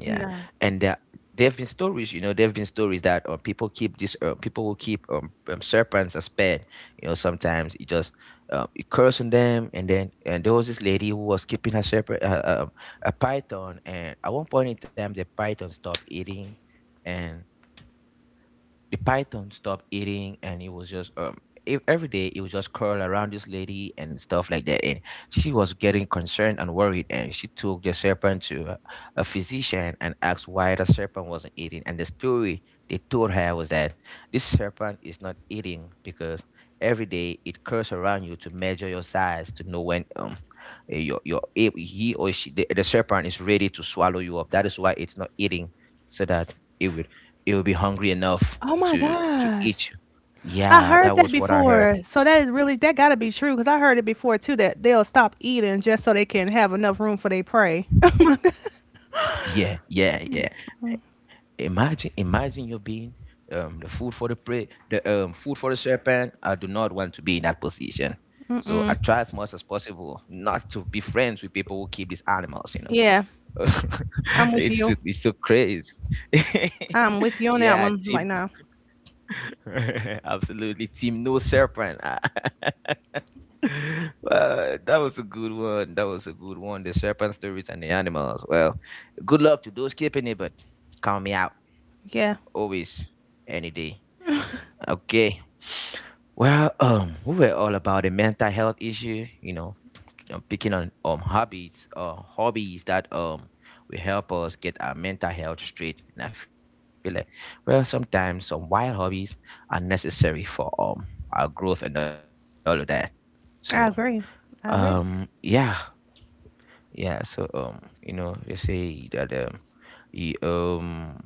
[SPEAKER 1] Yeah,
[SPEAKER 2] No.
[SPEAKER 1] and there, there have been stories, you know, there have been stories that uh, people keep this, uh, people will keep um, um, serpents as pet. You know, sometimes it just uh, it curse on them, and then and there was this lady who was keeping her serpent, uh, um, a python, and at one point in time, the python stopped eating, and the python stopped eating and it was just um ev- every day it was just curl around this lady and stuff like that, and she was getting concerned and worried, and she took the serpent to a, a physician and asked why the serpent wasn't eating, and the story they told her was that this serpent is not eating because every day it curls around you to measure your size to know when um eh, your your if he or she the, the serpent is ready to swallow you up, that is why it's not eating, so that it would it will be hungry enough
[SPEAKER 2] Oh my
[SPEAKER 1] to to
[SPEAKER 2] gosh.
[SPEAKER 1] each
[SPEAKER 2] I
[SPEAKER 1] yeah,
[SPEAKER 2] heard
[SPEAKER 1] that
[SPEAKER 2] that
[SPEAKER 1] was what I heard.
[SPEAKER 2] before. So that is really that gotta be true because I heard it before too that they'll stop eating just so they can have enough room for their prey.
[SPEAKER 1] Yeah, yeah, yeah. Imagine imagine you being um the food for the prey, the um food for the serpent. I do not want to be in that position, so I try as much as possible not to be friends with people who keep these animals, you know.
[SPEAKER 2] Yeah, I'm with
[SPEAKER 1] it's
[SPEAKER 2] you.
[SPEAKER 1] it's so crazy.
[SPEAKER 2] I'm with you on that
[SPEAKER 1] Yeah,
[SPEAKER 2] one.
[SPEAKER 1] team.
[SPEAKER 2] Like no.
[SPEAKER 1] Absolutely, team no serpent. Ah. Well, that was a good one. That was a good one. The serpent stories and the animals. Well, good luck to those keeping it, but count me out
[SPEAKER 2] Yeah,
[SPEAKER 1] always, any day. Okay. Well, um, we were all about a mental health issue, you know, um, picking on um hobbies or hobbies that um will help us get our mental health straight. And I feel like well sometimes some wild hobbies are necessary for um our growth and all of that. So
[SPEAKER 2] I agree. I agree.
[SPEAKER 1] um yeah. Yeah, so um you know they say that um you, um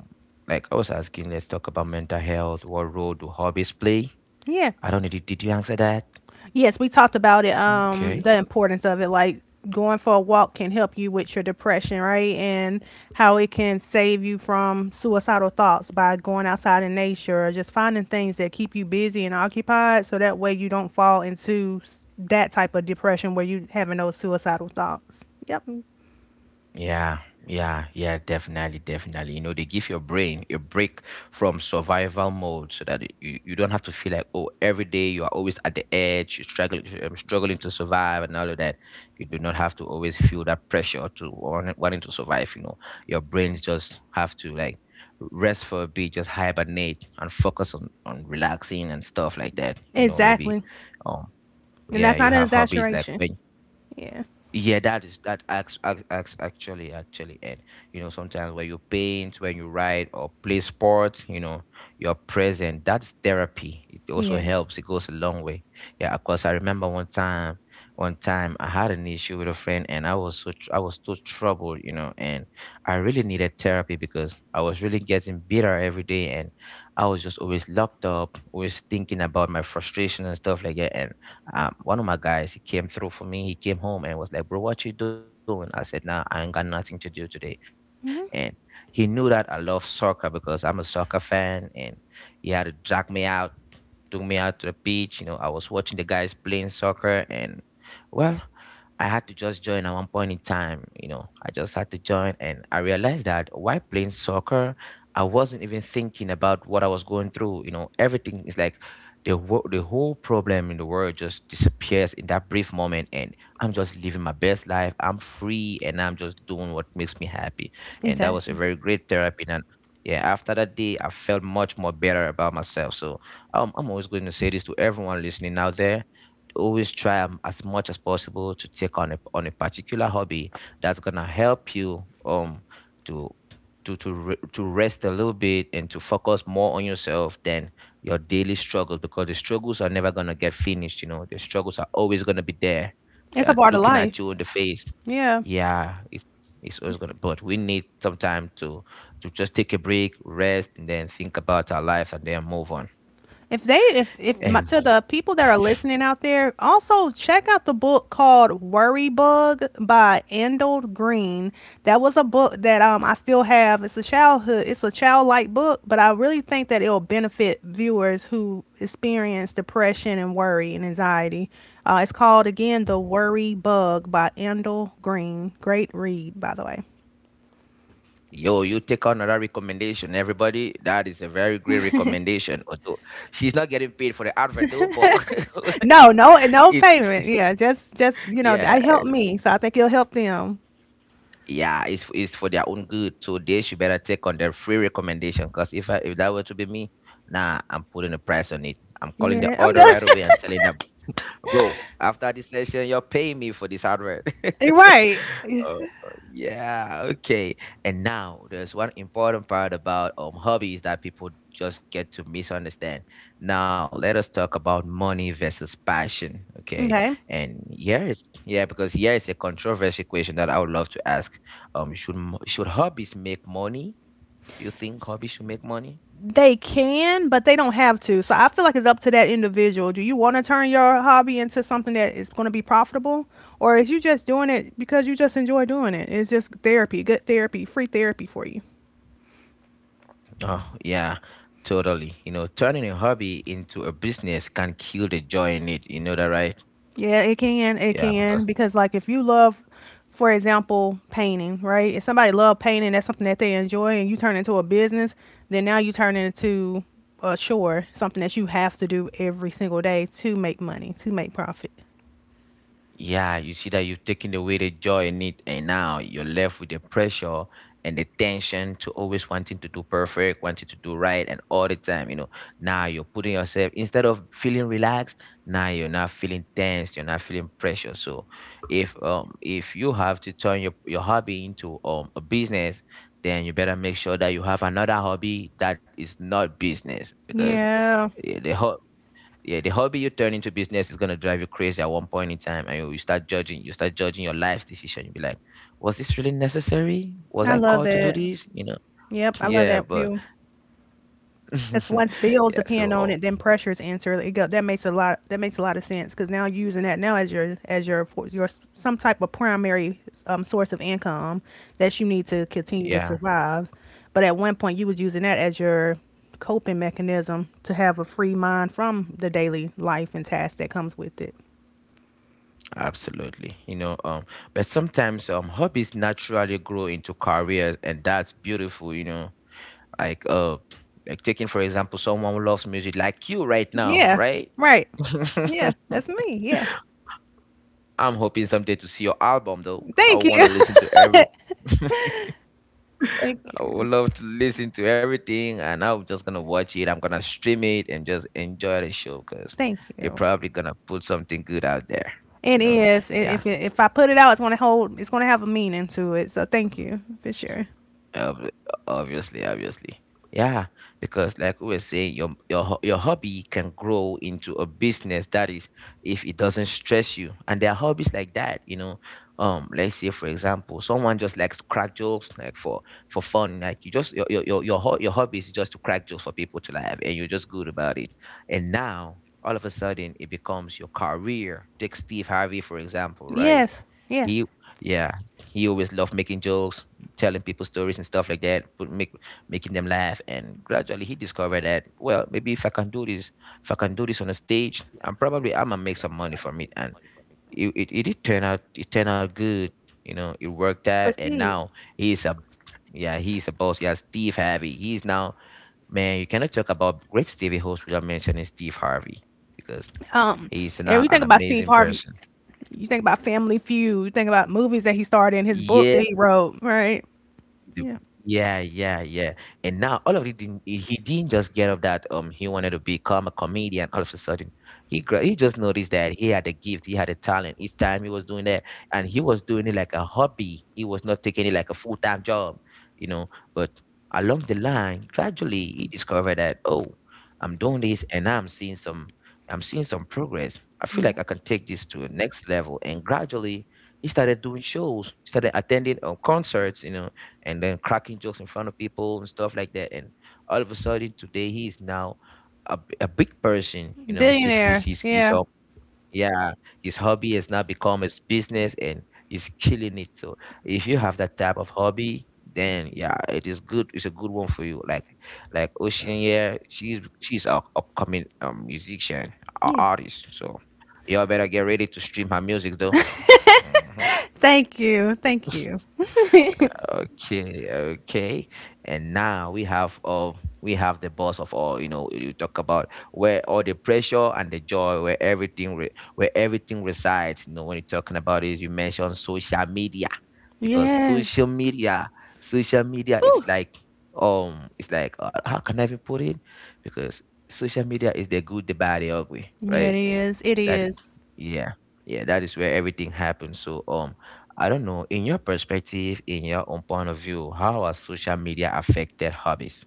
[SPEAKER 1] like I was asking, let's talk about mental health. What role do hobbies play?
[SPEAKER 2] Yeah.
[SPEAKER 1] I don't know, did, did you answer that?
[SPEAKER 2] Yes, we talked about it, um, the
[SPEAKER 1] Okay.
[SPEAKER 2] importance of it. Like going for a walk can help you with your depression, right? And how it can save you from suicidal thoughts by going outside in nature or just finding things that keep you busy and occupied so that way you don't fall into s- that type of depression where you having those suicidal thoughts. Yep.
[SPEAKER 1] Yeah, yeah, yeah, definitely, definitely. You know, they give your brain a break from survival mode so that you, you don't have to feel like, oh, every day you are always at the edge, you're struggling, um, struggling to survive and all of that. You do not have to always feel that pressure to want, wanting to survive. You know, your brain just have to like rest for a bit, just hibernate and focus on, on relaxing and stuff like that. You know, maybe,
[SPEAKER 2] Exactly.
[SPEAKER 1] um,
[SPEAKER 2] And
[SPEAKER 1] yeah,
[SPEAKER 2] that's
[SPEAKER 1] you
[SPEAKER 2] not an
[SPEAKER 1] have hobbies like
[SPEAKER 2] exaggeration.
[SPEAKER 1] when
[SPEAKER 2] Yeah.
[SPEAKER 1] yeah, that is that acts, acts, acts actually actually it. You know, sometimes when you paint, when you write or play sports, you know, you're present. That's therapy. It also
[SPEAKER 2] Yeah.
[SPEAKER 1] helps. It goes a long way. Yeah, of course. I remember one time, one time I had an issue with a friend, and I was so tr- I was so troubled, you know, and I really needed therapy because I was really getting bitter every day, and I was just always locked up, always thinking about my frustration and stuff like that, and um, one of my guys, he came through for me, he came home and was like, bro, what you doing? I said, nah, I ain't got nothing to do today. And he
[SPEAKER 2] Mm-hmm.
[SPEAKER 1] knew that I love soccer because I'm a soccer fan, and he had to drag me out, took me out to the beach, you know, I was watching the guys playing soccer and well I had to just join at one point in time, you know. I just had to join and I realized that while playing soccer, I wasn't even thinking about what I was going through, you know. Everything is like the wo- the whole problem in the world just disappears in that brief moment. And I'm just living my best life. I'm free and I'm just doing what makes me happy, and that was a
[SPEAKER 2] Exactly.
[SPEAKER 1] very great therapy. And yeah, after that day I felt much more better about myself. So um, I'm always going to say this to everyone listening out there, always try um, as much as possible to take on a, on a particular hobby that's gonna help you um to to to re- to rest a little bit and to focus more on yourself than your daily struggles, because the struggles are never going to get finished. You know, the struggles are always going to be there,
[SPEAKER 2] It's a
[SPEAKER 1] that
[SPEAKER 2] part of
[SPEAKER 1] looking
[SPEAKER 2] life.
[SPEAKER 1] at you in the face.
[SPEAKER 2] Yeah.
[SPEAKER 1] Yeah, it's it's always going to, but we need some time to to just take a break, rest, and then think about our life and then move on.
[SPEAKER 2] If they, if if my,
[SPEAKER 1] And
[SPEAKER 2] to the people that are listening out there, also check out the book called "Worry Bug" by Endel Green. That was a book that um I still have. It's a childhood, it's a childlike book, but I really think that it'll benefit viewers who experience depression and worry and anxiety. Uh, it's called again "The Worry Bug" by Endel Green. Great read, by the way.
[SPEAKER 1] yo, you take on another recommendation, everybody. That is a very great recommendation, although she's not getting paid for the advert though. But
[SPEAKER 2] No, no, and no
[SPEAKER 1] it
[SPEAKER 2] payment. Yeah, just just you know
[SPEAKER 1] yeah.
[SPEAKER 2] that helped me, so I think it'll help them.
[SPEAKER 1] Yeah, it's f- it's for their own good. So they should better take on their free recommendation. Cause if I, if that were to be me, nah, I'm putting a price on it. I'm calling the
[SPEAKER 2] Yeah, I'm
[SPEAKER 1] order
[SPEAKER 2] done.
[SPEAKER 1] right away and telling them, bro, after this session, you're paying me for this hardware.
[SPEAKER 2] Right.
[SPEAKER 1] Uh, yeah, okay. And now there's one important part about um hobbies that people just get to misunderstand. Now let us talk about money versus passion. Okay.
[SPEAKER 2] Okay.
[SPEAKER 1] And yes, yeah, because here is a controversial question that I would love to ask. Um, should mo- should hobbies make money? Do you think hobbies should make money?
[SPEAKER 2] They can, but they don't have to. So I feel like it's up to that individual. Do you want to turn your hobby into something that is going to be profitable? Or is you just doing it because you just enjoy doing it? It's just therapy, good therapy, free therapy for you.
[SPEAKER 1] Oh, yeah, totally. You know, turning a hobby into a business can kill the joy in it. You know that, right?
[SPEAKER 2] Yeah, it can. It
[SPEAKER 1] Yeah, because
[SPEAKER 2] can. Because, like, if you love, for example, painting, right? If somebody love painting, that's something that they enjoy, and you turn it into a business, then now you turn it into a chore, something that you have to do every single day to make money, to make profit.
[SPEAKER 1] yeah, you see that you've taken away the joy in it, and now you're left with the pressure and the tension to always wanting to do perfect, wanting to do right, and all the time, you know. Now you're putting yourself, instead of feeling relaxed, now you're not feeling tense, you're not feeling pressure. So, if um if you have to turn your your hobby into um a business, then you better make sure that you have another hobby that is not business. Because
[SPEAKER 2] Yeah,
[SPEAKER 1] yeah, the ho- yeah, the hobby you turn into business is gonna drive you crazy at one point in time, and you, you start judging. You start judging your life's decision. You'll be like, "Was this really necessary? Was
[SPEAKER 2] I
[SPEAKER 1] I
[SPEAKER 2] love
[SPEAKER 1] called to do
[SPEAKER 2] that.
[SPEAKER 1] this?" You know?
[SPEAKER 2] Yep, I love
[SPEAKER 1] Yeah,
[SPEAKER 2] that
[SPEAKER 1] but
[SPEAKER 2] view. That's once bills
[SPEAKER 1] yeah. So
[SPEAKER 2] depend on it,
[SPEAKER 1] uh,
[SPEAKER 2] then pressures answer. It go, that makes a lot. That makes a lot of sense because now you're using that now as your as your for- your s- some type of primary um, source of income that you need to continue to
[SPEAKER 1] yeah,
[SPEAKER 2] survive. But at one point, you was using that as your coping mechanism to have a free mind from the daily life and tasks that comes with it.
[SPEAKER 1] absolutely. You know, um, but sometimes um, hobbies naturally grow into careers, and that's beautiful. You know, like uh, like taking for example, someone who loves music, like you right now,
[SPEAKER 2] Yeah,
[SPEAKER 1] right?
[SPEAKER 2] right. Yeah, that's me. Yeah.
[SPEAKER 1] I'm hoping someday to see your album though. I
[SPEAKER 2] Thank you.
[SPEAKER 1] want to listen to every
[SPEAKER 2] Thank
[SPEAKER 1] I
[SPEAKER 2] you.
[SPEAKER 1] would love to listen to everything, and I'm just gonna watch it. I'm gonna stream it and just enjoy the show, because
[SPEAKER 2] Thank
[SPEAKER 1] you're
[SPEAKER 2] you.
[SPEAKER 1] probably gonna put something good out there.
[SPEAKER 2] It
[SPEAKER 1] You know,
[SPEAKER 2] is. I- If
[SPEAKER 1] yeah.
[SPEAKER 2] it, if I put it out, it's gonna hold. It's gonna have a meaning to it. So thank you for sure.
[SPEAKER 1] Ob- Obviously, obviously. Yeah, because like we were saying, your your ho- your hobby can grow into a business. That is, if it doesn't stress you. And there are hobbies like that, you know. Um, let's say for example, someone just likes to crack jokes, like for for fun. Like you just your your your your, ho- your hobby is just to crack jokes for people to laugh, and you're just good about it. And now all of a sudden, it becomes your career. Take Steve Harvey for example, right?
[SPEAKER 2] Yes. Yeah.
[SPEAKER 1] He yeah, he always loved making jokes, telling people stories and stuff like that, but make making them laugh. And gradually he discovered that, well, maybe if I can do this, if I can do this on a stage, I'm probably I'm gonna make some money from it. And it, it, it did turn out, it turned out good. You know, it worked
[SPEAKER 2] For
[SPEAKER 1] out. And
[SPEAKER 2] Steve.
[SPEAKER 1] now he's a yeah, he's a boss. Yeah, Steve Harvey. He's now Man, you cannot talk about great Stevie host without mentioning Steve Harvey, because
[SPEAKER 2] Um.
[SPEAKER 1] he's
[SPEAKER 2] And
[SPEAKER 1] now
[SPEAKER 2] you
[SPEAKER 1] an
[SPEAKER 2] think about Steve
[SPEAKER 1] amazing
[SPEAKER 2] Harvey.
[SPEAKER 1] person.
[SPEAKER 2] You think about Family Feud. You think about movies that he starred in. His book
[SPEAKER 1] Yeah.
[SPEAKER 2] that he wrote. Right.
[SPEAKER 1] The-
[SPEAKER 2] Yeah.
[SPEAKER 1] Yeah, yeah, yeah. And now all of it didn't, he he didn't just get up that um he wanted to become a comedian all of a sudden. He gra- he just noticed that he had a gift, he had a talent. Each time he was doing that, and he was doing it like a hobby. He was not taking it like a full time job, you know. But along the line, gradually he discovered that, oh, I'm doing this, and I'm seeing some I'm seeing some progress. I feel like
[SPEAKER 2] Yeah.
[SPEAKER 1] I can take this to a next level. And gradually he started doing shows, started attending um, concerts, you know, and then cracking jokes in front of people and stuff like that. And all of a sudden today he is now a, b- a big person, you know. His his
[SPEAKER 2] Billionaire.
[SPEAKER 1] his his
[SPEAKER 2] Yeah.
[SPEAKER 1] hob- yeah, his hobby has now become his business, and he's killing it. So if you have that type of hobby, then yeah, it is good. It's a good one for you. Like like Ocean, yeah, she's she's a upcoming um, musician, a
[SPEAKER 2] Yeah.
[SPEAKER 1] artist. So y'all better get ready to stream her music though. Mhm.
[SPEAKER 2] Thank you. Thank you.
[SPEAKER 1] Okay, okay. And now we have uh, we have the boss of all, you know. You talk about where all the pressure and the joy, where everything re- where everything resides. You know, when you're talking about it, you mention social media. Because
[SPEAKER 2] Yes.
[SPEAKER 1] social media, social media is
[SPEAKER 2] Whew.
[SPEAKER 1] like um it's like uh, how can I even put it? Because social media is the good, the bad, the ugly,
[SPEAKER 2] Yeah, it
[SPEAKER 1] right?
[SPEAKER 2] is. It
[SPEAKER 1] That is,
[SPEAKER 2] is.
[SPEAKER 1] yeah, yeah, that is where everything happens. So, um, I don't know, in your perspective, in your own point of view, how has social media affected hobbies?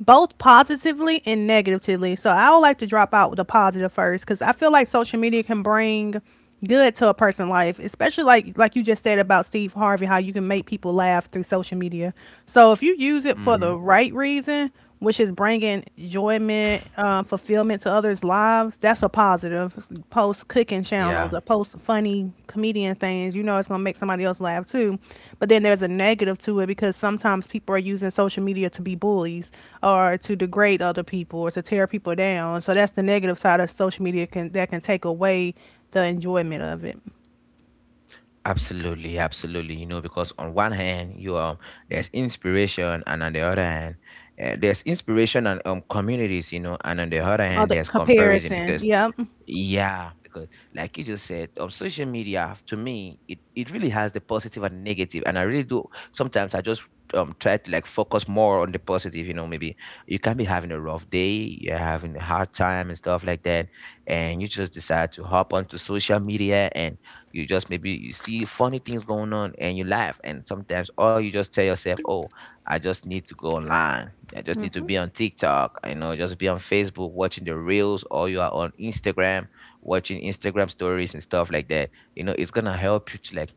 [SPEAKER 2] Both positively and negatively. So I would like to drop out with the positive first because I feel like social media can bring good to a person's life, especially like like you just said about Steve Harvey, how you can make people laugh through social media. So if you use it for the
[SPEAKER 1] Mm-hmm.
[SPEAKER 2] right reason, which is bringing enjoyment, um, fulfillment to others' lives, that's a positive. Post cooking channels
[SPEAKER 1] Yeah,
[SPEAKER 2] or post funny comedian things. You know it's gonna make somebody else laugh too. But then there's a negative to it because sometimes people are using social media to be bullies or to degrade other people or to tear people down. So that's the negative side of social media can that can take away the enjoyment of it.
[SPEAKER 1] absolutely, absolutely. You know, because on one hand, you um, there's inspiration, and on the other hand, uh, there's inspiration and um communities. You know, and on the other
[SPEAKER 2] Or
[SPEAKER 1] hand,
[SPEAKER 2] the
[SPEAKER 1] there's comparison.
[SPEAKER 2] comparison.
[SPEAKER 1] Because
[SPEAKER 2] Yep.
[SPEAKER 1] yeah, because like you just said, on social media, to me, it, it really has the positive and negative, negative. And I really do. Sometimes I just um try to like focus more on the positive. You know, maybe you can be having a rough day, you're having a hard time and stuff like that, and you just decide to hop onto social media, and you just maybe you see funny things going on and you laugh. And sometimes, or you just tell yourself, oh, I just need to go online I just need to
[SPEAKER 2] Hmm.
[SPEAKER 1] be on TikTok, you know, just be on Facebook watching the reels, or you are on Instagram watching Instagram stories and stuff like that. You know, it's gonna help you to like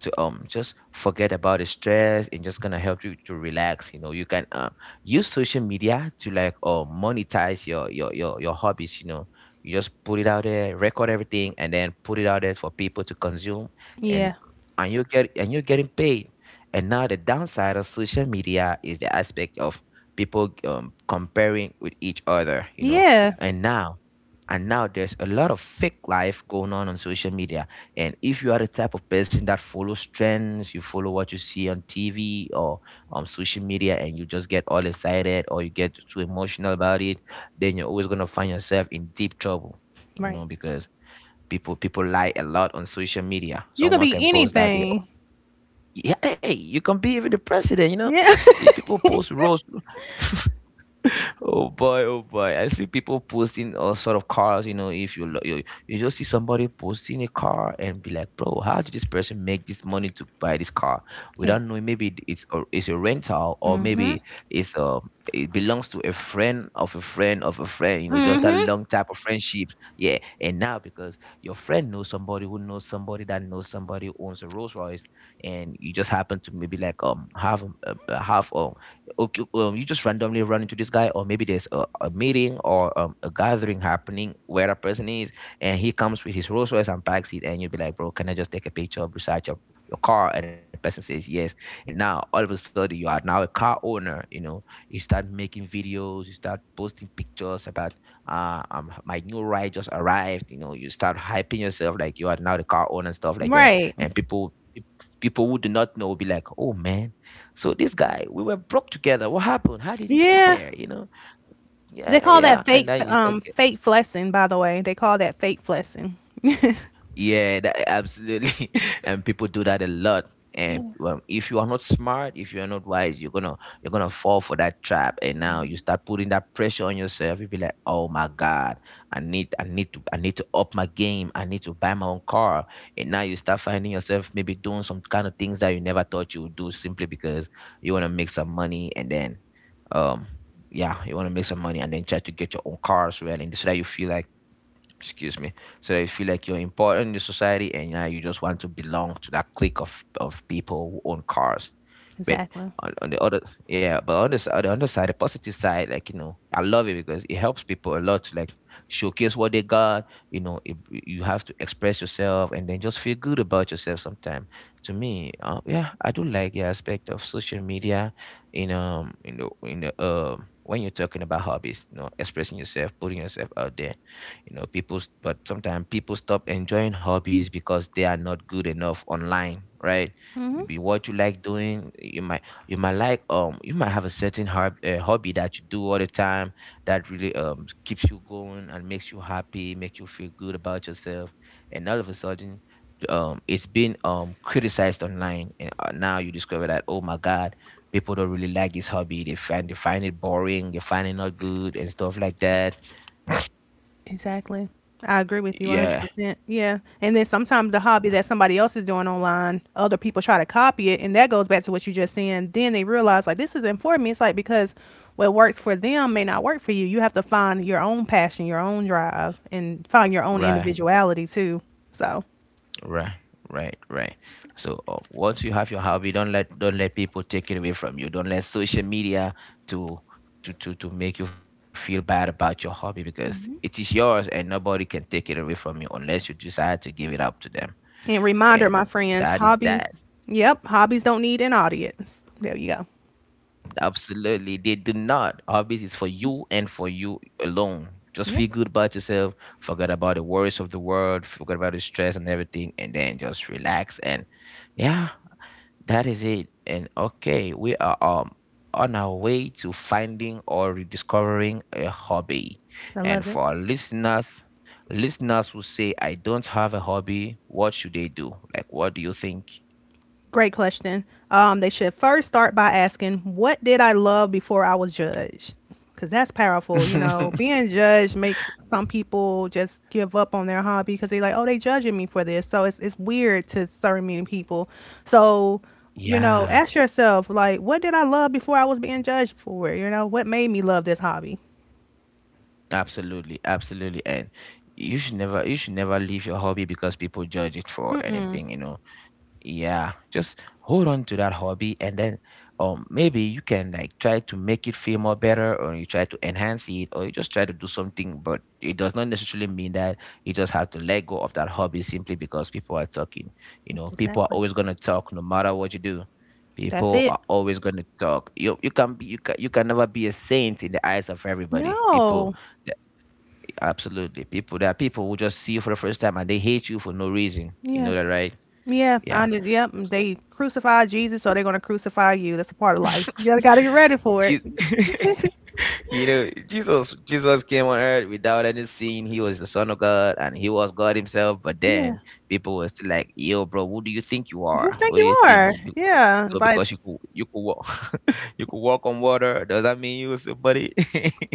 [SPEAKER 1] to um just forget about the stress, and just gonna help you to relax. You know, you can um use social media to like uh, monetize your your your your hobbies. You know, you just put it out there, record everything, and then put it out there for people to consume, and
[SPEAKER 2] Yeah.
[SPEAKER 1] and you get and you're getting paid. And now the downside of social media is the aspect of people um, comparing with each other, you know.
[SPEAKER 2] Yeah.
[SPEAKER 1] And now and now there's a lot of fake life going on on social media. And if you are the type of person that follows trends, you follow what you see on TV or on social media, and you just get all excited or you get too emotional about it, then you're always going to find yourself in deep trouble. You
[SPEAKER 2] Right.
[SPEAKER 1] know, because people people lie a lot on social media.
[SPEAKER 2] You can
[SPEAKER 1] Someone can
[SPEAKER 2] be
[SPEAKER 1] post that they
[SPEAKER 2] anything.
[SPEAKER 1] yeah, hey, you can be even the president, you know.
[SPEAKER 2] Yeah.
[SPEAKER 1] Eh, people post roles. Oh boy, oh boy. I see people posting all sort of cars, you know, if you lo- you, you just see somebody posting a car and be like, "Bro, how did this person make this money to buy this car?"
[SPEAKER 2] Yeah.
[SPEAKER 1] Without knowing, maybe it- it's a, it's a rental, or
[SPEAKER 2] Mhm.
[SPEAKER 1] maybe it's a it belongs to a friend of a friend of a friend, you know, just that
[SPEAKER 2] Mhm.
[SPEAKER 1] long type of friendship. Yeah. And now because your friend knows somebody who knows somebody that knows somebody who owns a Rolls Royce, and you just happen to maybe like um have um, uh, have um okay, um, you just randomly run into this guy, or maybe there's a, a meeting or um, a gathering happening where a person is, and he comes with his Rolls Royce and backseat, and you'll be like, bro, can I just take a picture beside your your car? And the person says yes, and now all of a sudden you are now a car owner. You know, you start making videos, you start posting pictures about uh, um, my new ride just arrived. You know, you start hyping yourself like you are now the car owner and stuff like that,
[SPEAKER 2] Right.
[SPEAKER 1] and people. People who do not know will be like, "Oh man, so this guy, we were broke together. What happened? How did he get
[SPEAKER 2] Yeah.
[SPEAKER 1] there?" You know?
[SPEAKER 2] They
[SPEAKER 1] Yeah,
[SPEAKER 2] call
[SPEAKER 1] yeah.
[SPEAKER 2] that
[SPEAKER 1] And
[SPEAKER 2] fake,
[SPEAKER 1] then you start
[SPEAKER 2] um, fake flexing. By the way, they call that fake flexing.
[SPEAKER 1] yeah, that, absolutely. And people do that a lot. And um, if you are not smart, if you are not wise, you're gonna you're gonna fall for that trap. And now you start putting that pressure on yourself. you be like, "Oh my God, I need I need to I need to up my game. I need to buy my own car." And now you start finding yourself maybe doing some kind of things that you never thought you would do simply because you want to make some money. And then, um, yeah, you want to make some money and then try to get your own car as well, and so that you feel like excuse me so that you feel like you're important in the society, and now you just want to belong to that clique of of people who own cars, but
[SPEAKER 2] Exactly.
[SPEAKER 1] on, on the other yeah, but on this on the other side, the positive side, like, you know, I love it because it helps people a lot to, like, showcase what they got. You know it, you have to express yourself and then just feel good about yourself sometime. To me, uh, yeah, I do like the aspect of social media in um in the in the um when you're talking about hobbies, you know, expressing yourself, putting yourself out there. You know, people s- but sometimes people stop enjoying hobbies because they are not good enough online, right?
[SPEAKER 2] Hmm.
[SPEAKER 1] Maybe what you like doing, you might you might like, um you might have a certain hob- uh, hobby that you do all the time, that really um keeps you going and makes you happy, make you feel good about yourself, and all of a sudden, um it's been um criticized online, and uh, now you discover that, oh my God, people don't really like this hobby. They find they find it boring, they find it not good and stuff like that.
[SPEAKER 2] Exactly. I agree with you
[SPEAKER 1] Yeah.
[SPEAKER 2] one hundred percent. Yeah. And then sometimes the hobby that somebody else is doing online, other people try to copy it. And that goes back to what you just saying. Then they realize, like, this isn't for me. It's like because what works for them may not work for you. You have to find your own passion, your own drive, and find your own
[SPEAKER 1] Right.
[SPEAKER 2] individuality too. So,
[SPEAKER 1] Right, right, right. So, uh, once you have your hobby, don't let don't let people take it away from you. Don't let social media to to to to make you feel bad about your hobby, because it is yours and nobody can take it away from you unless you decide to give it up to them.
[SPEAKER 2] and reminder,
[SPEAKER 1] And
[SPEAKER 2] my friends,
[SPEAKER 1] that is that.
[SPEAKER 2] hobbies, yep, hobbies don't need an audience. There you go.
[SPEAKER 1] Absolutely, they do not. Hobbies is for you and for you alone. Just
[SPEAKER 2] Yep,
[SPEAKER 1] feel good about yourself. Forget about the worries of the world. Forget about the stress and everything, and then just relax and yeah. That is it. And okay, we are um on our way to finding or rediscovering a hobby.
[SPEAKER 2] I
[SPEAKER 1] And
[SPEAKER 2] love it.
[SPEAKER 1] for our listeners, listeners who say, I don't have a hobby, what should they do? Like, what do you think?
[SPEAKER 2] Great question. Um, they should first start by asking, "What did I love before I was judged?" Because that's powerful. You know, being judged makes some people just give up on their hobby because they're like, "Oh, they judging me for this." So it's it's weird to certain many people. So you know,
[SPEAKER 1] Yeah.
[SPEAKER 2] ask yourself, like, what did I love before I was being judged for? It? You know, what made me love this hobby?
[SPEAKER 1] Absolutely, absolutely. And you should never you should never leave your hobby because people judge it, for
[SPEAKER 2] Mm-mm.
[SPEAKER 1] anything, you know. Yeah, just hold on to that hobby, and then, um maybe you can, like, try to make it feel more better, or you try to enhance it, or you just try to do something, but it does not necessarily mean that you just have to let go of that hobby simply because people are talking. You know, people are
[SPEAKER 2] Exactly.
[SPEAKER 1] always going to talk no matter what you do.
[SPEAKER 2] That's
[SPEAKER 1] People
[SPEAKER 2] it.
[SPEAKER 1] are always going to talk. You you can be, you can, you can never be a saint in the eyes of everybody. People,
[SPEAKER 2] No.
[SPEAKER 1] yeah, absolutely. People, there are people who just see you for the first time and they hate you for no reason. You
[SPEAKER 2] Yeah.
[SPEAKER 1] know that, right?
[SPEAKER 2] Yeah,
[SPEAKER 1] Yeah.
[SPEAKER 2] I just, yep. They crucified Jesus, so they're gonna crucify you. That's a part of life. You gotta gotta get ready for
[SPEAKER 1] Je-
[SPEAKER 2] it.
[SPEAKER 1] You know, Jesus, Jesus came on earth without any sin. He was the Son of God, and He was God Himself. But
[SPEAKER 2] Yeah.
[SPEAKER 1] then people were still like, "Yo, bro, who do you think you
[SPEAKER 2] Who
[SPEAKER 1] are?
[SPEAKER 2] think
[SPEAKER 1] Who do
[SPEAKER 2] you
[SPEAKER 1] you think
[SPEAKER 2] are?
[SPEAKER 1] you?"
[SPEAKER 2] Yeah.
[SPEAKER 1] So
[SPEAKER 2] Like
[SPEAKER 1] because you could you could walk, you could walk on water, does that mean you were somebody?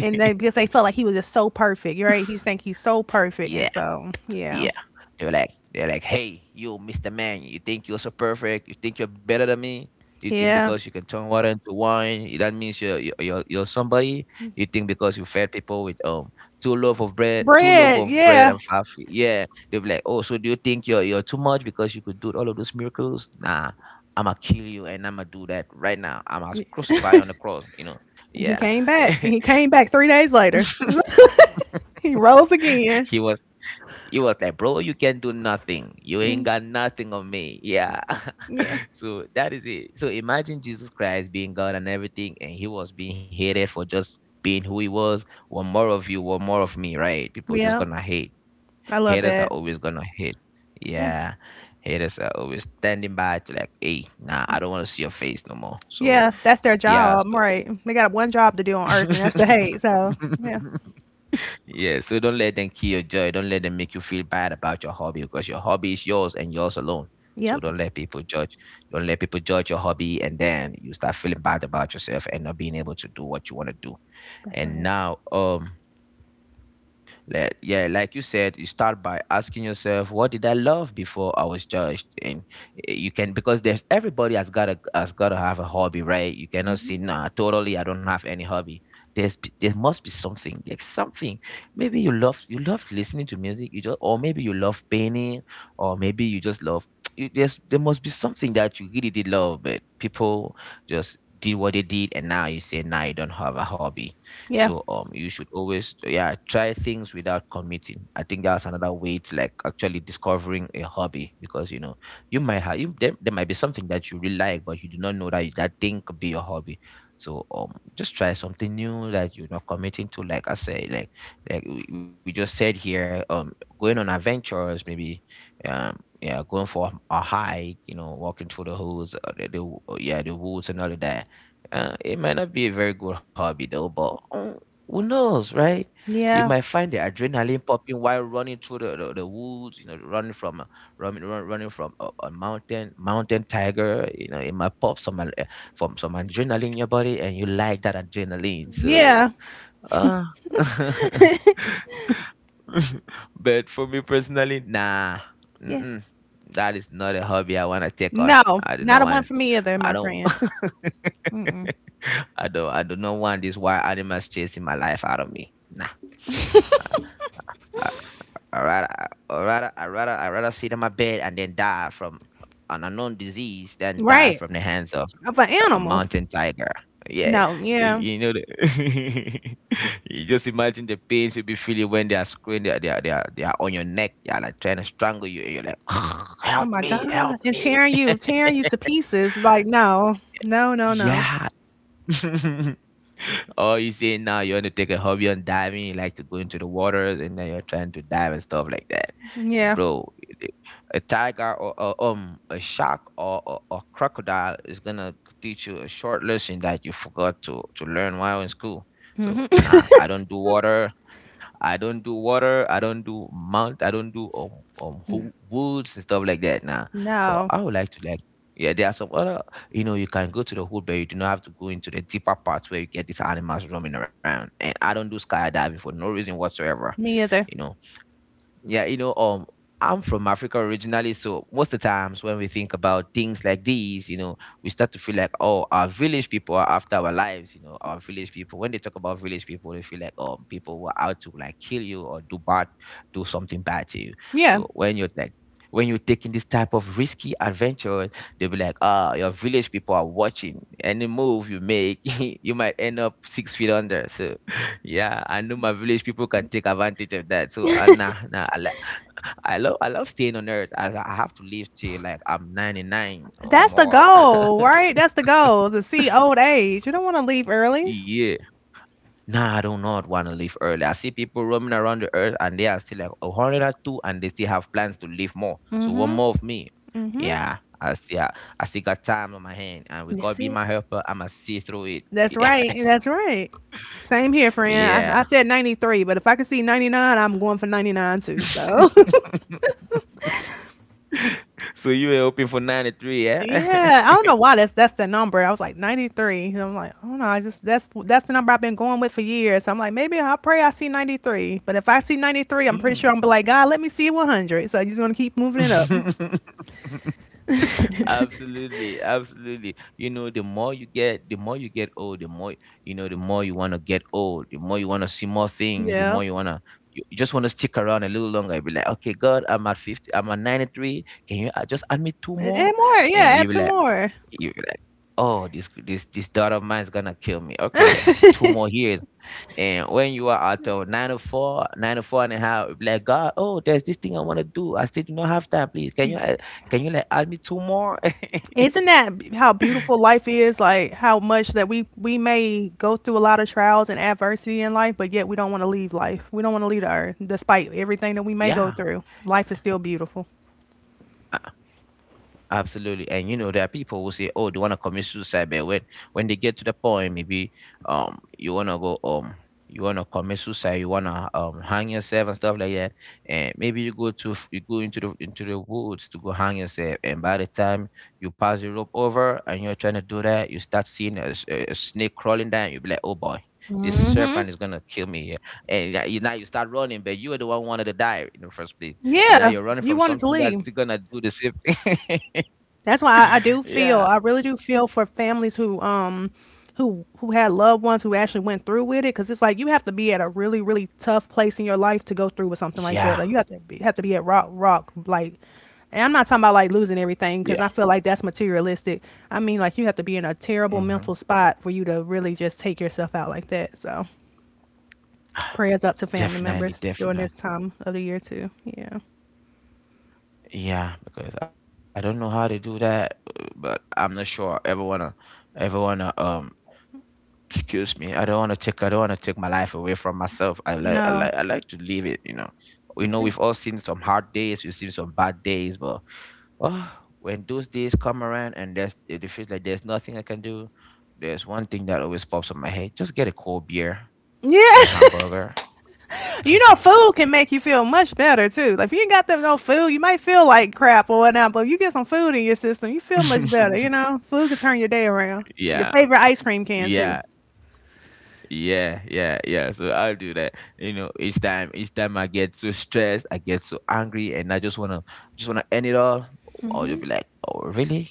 [SPEAKER 2] and they because they felt like he was just so perfect, right? He think he's so perfect
[SPEAKER 1] Yeah.
[SPEAKER 2] and so yeah.
[SPEAKER 1] Yeah. They're like they're like, "Hey, you, mister Man, you think you're so perfect? You think you're better than me? You think
[SPEAKER 2] Yeah.
[SPEAKER 1] because you can turn water into wine, that means you're you're you're you're somebody? You think because you fed people with um two loaf of bread, two loaf
[SPEAKER 2] Bread,
[SPEAKER 1] of bread
[SPEAKER 2] yeah.
[SPEAKER 1] and five fish? Yeah." They'll be like, "Oh, so do you think you're you're too much because you could do all of those miracles? Nah." I'ma kill you, and I'ma do that right now. I'ma
[SPEAKER 2] And
[SPEAKER 1] crucify you on the cross, you know.
[SPEAKER 2] he
[SPEAKER 1] Yeah.
[SPEAKER 2] came back. And he came back three days later. He rose again.
[SPEAKER 1] he was He was like, bro, you can do nothing. You ain't got nothing on me. Yeah.
[SPEAKER 2] Yeah.
[SPEAKER 1] So that is it. So imagine Jesus Christ being God and everything, and he was being hated for just being who he was. One more of you, one more of me, right? People just
[SPEAKER 2] Yeah.
[SPEAKER 1] gonna hate.
[SPEAKER 2] I love
[SPEAKER 1] Haters are
[SPEAKER 2] that.
[SPEAKER 1] always gonna hate.
[SPEAKER 2] Yeah.
[SPEAKER 1] Yeah. Haters are always standing by to, like, hey, nah, I don't want to see your face no more. So
[SPEAKER 2] Yeah, that's their
[SPEAKER 1] yeah.
[SPEAKER 2] job,
[SPEAKER 1] So
[SPEAKER 2] right. They got one job to do on earth and that's to hate, so yeah.
[SPEAKER 1] yeah, so don't let them kill your joy. Don't let them make you feel bad about your hobby, because your hobby is yours and yours alone. So
[SPEAKER 2] Yep.
[SPEAKER 1] don't let people judge. Don't let people judge your hobby and then you start feeling bad about yourself and not being able to do what you want to do.
[SPEAKER 2] That's
[SPEAKER 1] And
[SPEAKER 2] right.
[SPEAKER 1] now, um, like, yeah, like you said, you start by asking yourself, what did I love before I was judged? And eh, you can, because there's everybody has got to has got to have a hobby, right? You cannot
[SPEAKER 2] Hmm.
[SPEAKER 1] say, nah, totally, I don't have any hobby. There's p- there must be something. There's something. Maybe you love you love listening to music, you just, or maybe you love painting, or maybe you just love, you, there's there must be something that you really did love, but people just did what they did, and now you say, now you don't have a hobby.
[SPEAKER 2] Yeah.
[SPEAKER 1] So, um, you should always, yeah, try things without committing. I think that's another way to, like, actually discovering a hobby, because, you know, you might have you, there, there might be something that you really like, but you do not know that that thing could be your hobby. So, um, just try something new that you're not committing to. Like I say, like like we we just said here, um, going on adventures maybe, um, yeah, going for a hike, you know, walking through the hills, uh, the, the yeah, the woods and all of that. Uh, it might not be a very good hobby though, but um, who knows, right? You
[SPEAKER 2] Yeah.
[SPEAKER 1] might find the adrenaline popping while running through the, the, the woods, you know, running from a running, run, running from a, a mountain mountain tiger. You know, it might pop some al- eh, from some adrenaline in your body, and you like that adrenaline. So,
[SPEAKER 2] Yeah.
[SPEAKER 1] uh, but for me personally, nah,
[SPEAKER 2] Yeah.
[SPEAKER 1] mm-mm, that is not a hobby I want to take on.
[SPEAKER 2] No,
[SPEAKER 1] I do
[SPEAKER 2] not
[SPEAKER 1] not
[SPEAKER 2] a one
[SPEAKER 1] want.
[SPEAKER 2] for me either,
[SPEAKER 1] I
[SPEAKER 2] my
[SPEAKER 1] don't.
[SPEAKER 2] friend. Mm-mm.
[SPEAKER 1] I don't I do not want these wild animals chasing my life out of me. Nah. I, I rather I, I rather I rather I rather sit on my bed and then die from an unknown disease than die
[SPEAKER 2] Right.
[SPEAKER 1] from the hands of
[SPEAKER 2] Of an
[SPEAKER 1] a
[SPEAKER 2] animal.
[SPEAKER 1] mountain tiger. Yeah,
[SPEAKER 2] No.
[SPEAKER 1] y-
[SPEAKER 2] Yeah.
[SPEAKER 1] you know, the you just imagine the pain you'll be feeling when they are screwing, they are, they are, they are, they are on your neck, they are, like, trying to strangle you, and you're like,
[SPEAKER 2] Oh
[SPEAKER 1] help
[SPEAKER 2] my
[SPEAKER 1] me,
[SPEAKER 2] God.
[SPEAKER 1] help
[SPEAKER 2] And
[SPEAKER 1] me.
[SPEAKER 2] tearing you, tearing you to pieces. Like, no. No, no, no.
[SPEAKER 1] Yeah, oh, you say now you want to take a hobby on diving, you like to go into the waters, and then you're trying to dive and stuff like that,
[SPEAKER 2] Yeah.
[SPEAKER 1] bro. I- A tiger, or, or um a shark, or, or or crocodile is gonna teach you a short lesson that you forgot to to learn while in school. So
[SPEAKER 2] Hmm.
[SPEAKER 1] nah, I don't do water. I don't do water. I don't do mount. I don't do um, um
[SPEAKER 2] No.
[SPEAKER 1] ho- woods and stuff like that. Nah, but
[SPEAKER 2] No.
[SPEAKER 1] I would like to, like, yeah. There are some other, you know, you can go to the wood, but you do not have to go into the deeper parts where you get these animals roaming around. And I don't do skydiving for no reason whatsoever.
[SPEAKER 2] Me either.
[SPEAKER 1] You know, yeah, you know, um, I'm from Africa originally, so most of the times when we think about things like these, you know, we start to feel like, oh, our village people are after our lives, you know, our village people. When they talk about village people, they feel like, um, people were out to, like, kill you or do bad, do something bad to you.
[SPEAKER 2] Yeah.
[SPEAKER 1] So when you're like, when you're taking this type of risky adventure, they'll be like, ah, your village people are watching. Any move you make, you might end up six feet under. So yeah, I know my village people can take advantage of that. So uh, nah, nah, I, li- I love I love staying on earth. I I have to live till like I'm ninety-nine or
[SPEAKER 2] That's the
[SPEAKER 1] more.
[SPEAKER 2] goal, right? That's the goal to see old age. You don't want to leave early.
[SPEAKER 1] Yeah. Nah, I do not want to leave early. I see people roaming around the earth and they are still like one hundred two and two, and they still have plans to live more. So one more of me. Yeah. I still, ha- I still got time on my hand, and with God
[SPEAKER 2] That's
[SPEAKER 1] be
[SPEAKER 2] it.
[SPEAKER 1] my helper, I'ma see through it.
[SPEAKER 2] That's right.
[SPEAKER 1] Yes.
[SPEAKER 2] That's right. Same here, friend.
[SPEAKER 1] Yeah.
[SPEAKER 2] I, I said ninety-three, but if I could see ninety-nine, I'm going for ninety-nine too. So,
[SPEAKER 1] So you were hoping for ninety-three, yeah?
[SPEAKER 2] yeah, I don't know why that's that's the number. I was like ninety-three. So I'm like, I don't know. I just that's that's the number I've been going with for years. So I'm like, maybe I'll pray I see ninety-three. But if I see ninety-three, I'm pretty
[SPEAKER 1] Mm.
[SPEAKER 2] sure I'm be like, God, let me see one hundred. So you just want to keep moving it up.
[SPEAKER 1] Absolutely, absolutely. You know, the more you get, the more you get old, the more you know the more you want to get old, the more you want to see more things, the
[SPEAKER 2] Yeah.
[SPEAKER 1] more you want to, you you just want to stick around a little longer and be like, okay, God, I'm at fifty, I'm at ninety-three, can you uh, just add me two
[SPEAKER 2] And
[SPEAKER 1] more?
[SPEAKER 2] and more.
[SPEAKER 1] And
[SPEAKER 2] Yeah, add
[SPEAKER 1] you be
[SPEAKER 2] two
[SPEAKER 1] like,
[SPEAKER 2] more.
[SPEAKER 1] you be like oh, this this this daughter of mine is gonna kill me. Okay, two more years. And when you are at uh, nine o four, nine o four and a half, you'll be like, God, oh, there's this thing I want to do. I still do not have time. Please, can you uh, can you like add me two more?
[SPEAKER 2] Isn't that b- how beautiful life is? Like how much that we we may go through a lot of trials and adversity in life, but yet we don't want to leave life. We don't want to leave the earth, despite everything that we may go
[SPEAKER 1] Yeah.
[SPEAKER 2] through. Life is still beautiful.
[SPEAKER 1] Absolutely. And you know, there are people who say, oh, they wanna commit suicide, but when when they get to the point, maybe um you wanna go um you wanna commit suicide, you wanna um hang yourself and stuff like that. And maybe you go to f- you go into the into the woods to go hang yourself. And by the time you pass the rope over and you're trying to do that, you start seeing a, s- a a snake crawling down. You'll be like, oh boy, this
[SPEAKER 2] Hmm.
[SPEAKER 1] serpent is gonna kill me here. And yeah, you, now you start running, but you were the one who wanted to die in the first place, and
[SPEAKER 2] Yeah,
[SPEAKER 1] now you're running
[SPEAKER 2] you
[SPEAKER 1] from
[SPEAKER 2] wanted to
[SPEAKER 1] something
[SPEAKER 2] leave.
[SPEAKER 1] that's still gonna do the same thing.
[SPEAKER 2] That's why I, I do feel I
[SPEAKER 1] Yeah.
[SPEAKER 2] really do feel for families who um who who had loved ones who actually went through with it because it's like you have to be at a really really tough place in your life to go through with something like that. Like you have
[SPEAKER 1] Yeah.
[SPEAKER 2] to be, have to be at rock rock like. And I'm not talking about like losing everything because I feel
[SPEAKER 1] Yeah.
[SPEAKER 2] like that's materialistic. I mean, like you have to be in a terrible mental
[SPEAKER 1] Mhm.
[SPEAKER 2] spot for you to really just take yourself out like that. So, prayers up to family members during
[SPEAKER 1] Definitely,
[SPEAKER 2] this time
[SPEAKER 1] definitely.
[SPEAKER 2] of the year too. Yeah.
[SPEAKER 1] Yeah, because I don't know how to do that, uh, but I'm not sure I ever wanna ever wanna um excuse me. I don't wanna take I don't wanna take my life away from myself. I like I
[SPEAKER 2] No.
[SPEAKER 1] like I like to live it, you know. We know
[SPEAKER 2] Yeah.
[SPEAKER 1] we've all seen some hard days, we've seen some bad days, but oh, when those days come around and there's it feels like there's nothing I can do, there's one thing that always pops in my head. Just get a cold beer
[SPEAKER 2] Yeah.
[SPEAKER 1] and hamburger.
[SPEAKER 2] You know, food can make you feel much better too. Like if you ain't got them no food, you might feel like crap or whatnot. But if you get some food in your system, you feel much better. You know, food can turn your day around. Your
[SPEAKER 1] Yeah.
[SPEAKER 2] favorite ice cream can too.
[SPEAKER 1] Yeah, yeah, yeah, yeah. So I'll do that. You know, each time, each time I get so stressed, I get so angry, and I just wanna, just wanna end it all. Or you'll be like, "Oh, really?"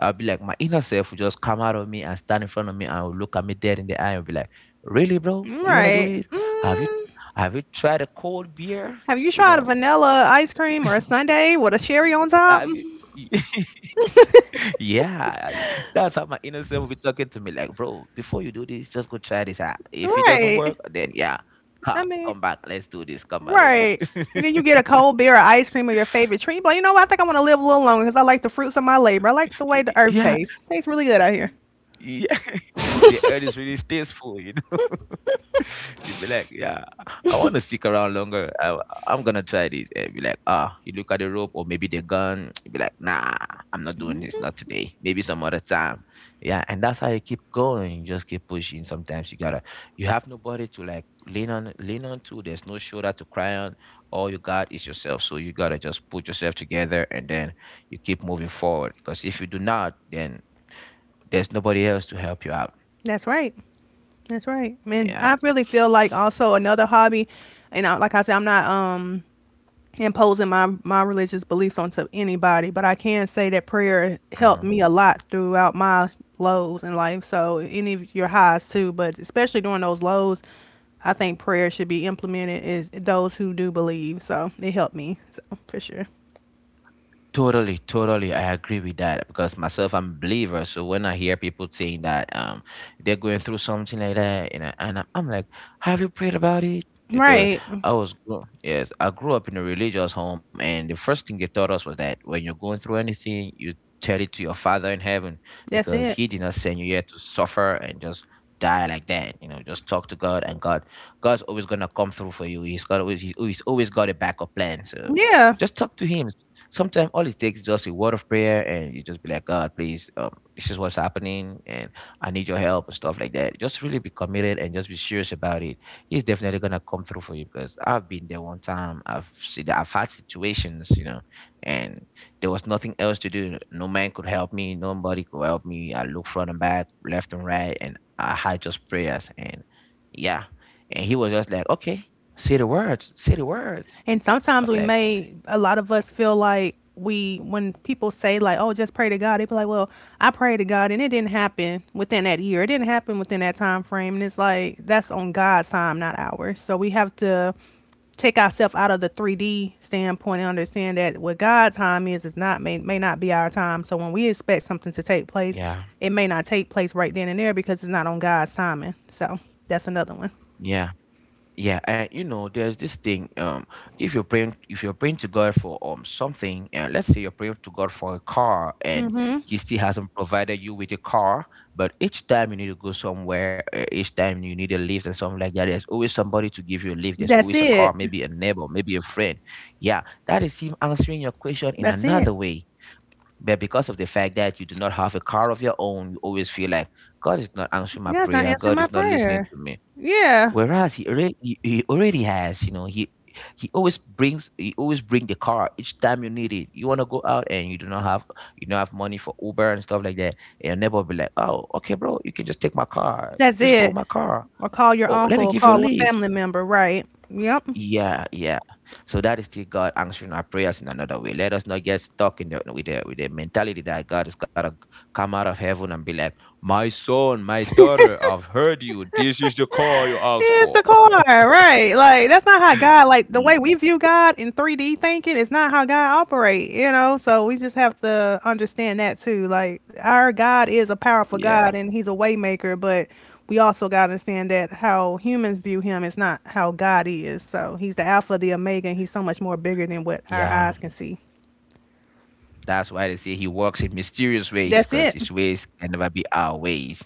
[SPEAKER 1] I'll be like, my inner self will just come out of me and stand in front of me and will look at me dead in the eye and be like, "Really, bro? You wanna do
[SPEAKER 2] Right.
[SPEAKER 1] this? Have you,
[SPEAKER 2] Mm,
[SPEAKER 1] have you tried a cold beer?
[SPEAKER 2] have you
[SPEAKER 1] You
[SPEAKER 2] tried a
[SPEAKER 1] know,
[SPEAKER 2] vanilla ice cream or a sundae with a cherry on
[SPEAKER 1] have you?"
[SPEAKER 2] top? Mm-hmm.
[SPEAKER 1] Yeah, that's how my inner self will be talking to me like, "Bro, before you do this, just go try this out. If it doesn't work,
[SPEAKER 2] Right.
[SPEAKER 1] then yeah, come,
[SPEAKER 2] I mean,
[SPEAKER 1] come back. Let's do this. Come back, let's do
[SPEAKER 2] right.
[SPEAKER 1] this."
[SPEAKER 2] And then you get a cold beer or ice cream or your favorite treat. But you know what? I think I want to live a little longer because I like the fruits of my labor. I like the way the earth
[SPEAKER 1] Yeah.
[SPEAKER 2] tastes. Tastes really good out here.
[SPEAKER 1] Yeah. The earth is really tasteful, you know. You be like, yeah, I want to stick around longer. I, I'm gonna try this. And be like, ah, you look at the rope or maybe the gun. You be like, nah, I'm not doing this. Not today. Maybe some other time. Yeah, and that's how you keep going. You just keep pushing. Sometimes you gotta, you have nobody to like lean on, lean on to. There's no shoulder to cry on. All you got is yourself. So you gotta just put yourself together, and then you keep moving forward. Because if you do not, then there's nobody else to help you out.
[SPEAKER 2] That's right. That's right. And
[SPEAKER 1] Yeah.
[SPEAKER 2] I really feel like also another hobby, and I, like I said, I'm not um imposing my my religious beliefs onto anybody, but I can say that prayer helped
[SPEAKER 1] Hmm.
[SPEAKER 2] me a lot throughout my lows in life. So any of your highs too, but especially during those lows, I think prayer should be implemented is those who do believe. So it helped me, so for sure.
[SPEAKER 1] Totally, totally. I agree with that because myself, I'm a believer. So when I hear people saying that um they're going through something like that, and I, and I'm I'm like, have you prayed about it? Because
[SPEAKER 2] Right.
[SPEAKER 1] I was, grow- yes, I grew up in a religious home, and the first thing they taught us was that when you're going through anything, you tell it to your Father in heaven,
[SPEAKER 2] That's
[SPEAKER 1] because
[SPEAKER 2] it.
[SPEAKER 1] He did not send you here to suffer and just die like that. You know, just talk to God, and God, God's always gonna come through for you. He's got always, He's always always got a backup plan. So
[SPEAKER 2] Yeah.
[SPEAKER 1] just talk to Him, sometimes all it takes is just a word of prayer, and you just be like, God, please, um, this is what's happening and I need your help and stuff like that. Just really be committed and just be serious about it. He's definitely gonna come through for you, because I've been there. One time I've seen, I've had situations, you know, and there was nothing else to do. No man could help me, nobody could help me. I looked front and back, left and right, and I had just prayers, and yeah, and He was just like, okay, say the words say the words
[SPEAKER 2] And
[SPEAKER 1] I
[SPEAKER 2] sometimes
[SPEAKER 1] was
[SPEAKER 2] we
[SPEAKER 1] like,
[SPEAKER 2] may, a lot of us feel like we, when people say like, oh, just pray to God, they be like, well, I prayed to God and it didn't happen within that year. It didn't happen within that time frame. And it's like, that's on God's time, not ours. So we have to take ourselves out of the three D standpoint and understand that what God's time is, is not, may, may not be our time. So when we expect something to take place,
[SPEAKER 1] yeah.
[SPEAKER 2] it may not take place right then and there because it's not on God's timing. So that's another one.
[SPEAKER 1] Yeah. Yeah, and you know, there's this thing. Um, if you're praying, if you're praying to God for um something, and let's say you're praying to God for a car, and
[SPEAKER 2] Mhm.
[SPEAKER 1] He still hasn't provided you with a car, but each time you need to go somewhere, uh, each time you need a lift and something like that, there's always somebody to give you a lift. There's
[SPEAKER 2] That's
[SPEAKER 1] always a car,
[SPEAKER 2] it.
[SPEAKER 1] maybe a neighbor, maybe a friend. Yeah, that is Him answering your question in
[SPEAKER 2] That's it.
[SPEAKER 1] another way. But because of the fact that you do not have a car of your own, you always feel like God is not answering my
[SPEAKER 2] God's not
[SPEAKER 1] prayer.
[SPEAKER 2] answering
[SPEAKER 1] God
[SPEAKER 2] my
[SPEAKER 1] is not listening
[SPEAKER 2] prayer.
[SPEAKER 1] to me.
[SPEAKER 2] Yeah,
[SPEAKER 1] Whereas he already he, he already has, you know, he he always brings he always bring the car each time you need it. You wanna go out and you do not have you don't have money for Uber and stuff like that. And your neighbor will be like, oh, okay, bro, you can just take my car.
[SPEAKER 2] that's
[SPEAKER 1] Just go with
[SPEAKER 2] it.
[SPEAKER 1] my car.
[SPEAKER 2] Or call your
[SPEAKER 1] Oh, let
[SPEAKER 2] uncle,
[SPEAKER 1] me
[SPEAKER 2] or
[SPEAKER 1] give you a
[SPEAKER 2] call a
[SPEAKER 1] lift.
[SPEAKER 2] family member, right? Yep.
[SPEAKER 1] Yeah, yeah. So that is still God answering our prayers in another way. Let us not get stuck in the with the with the mentality that God has gotta come out of heaven and be like, my son, my daughter, I've heard you. This is the car you asked
[SPEAKER 2] Here's
[SPEAKER 1] for.
[SPEAKER 2] the car, right? Like that's not how God, like the way we view God in three D thinking, is not how God operate, you know. So we just have to understand that too. Like our God is a powerful
[SPEAKER 1] Yeah,
[SPEAKER 2] God and He's a waymaker, but we also gotta understand that how humans view Him is not how God is. So He's the Alpha, the Omega, and He's so much more bigger than what our
[SPEAKER 1] yeah.
[SPEAKER 2] eyes can see.
[SPEAKER 1] That's why they say He works in mysterious ways,
[SPEAKER 2] That's
[SPEAKER 1] because
[SPEAKER 2] it. Mm-hmm.
[SPEAKER 1] His ways can never be our ways.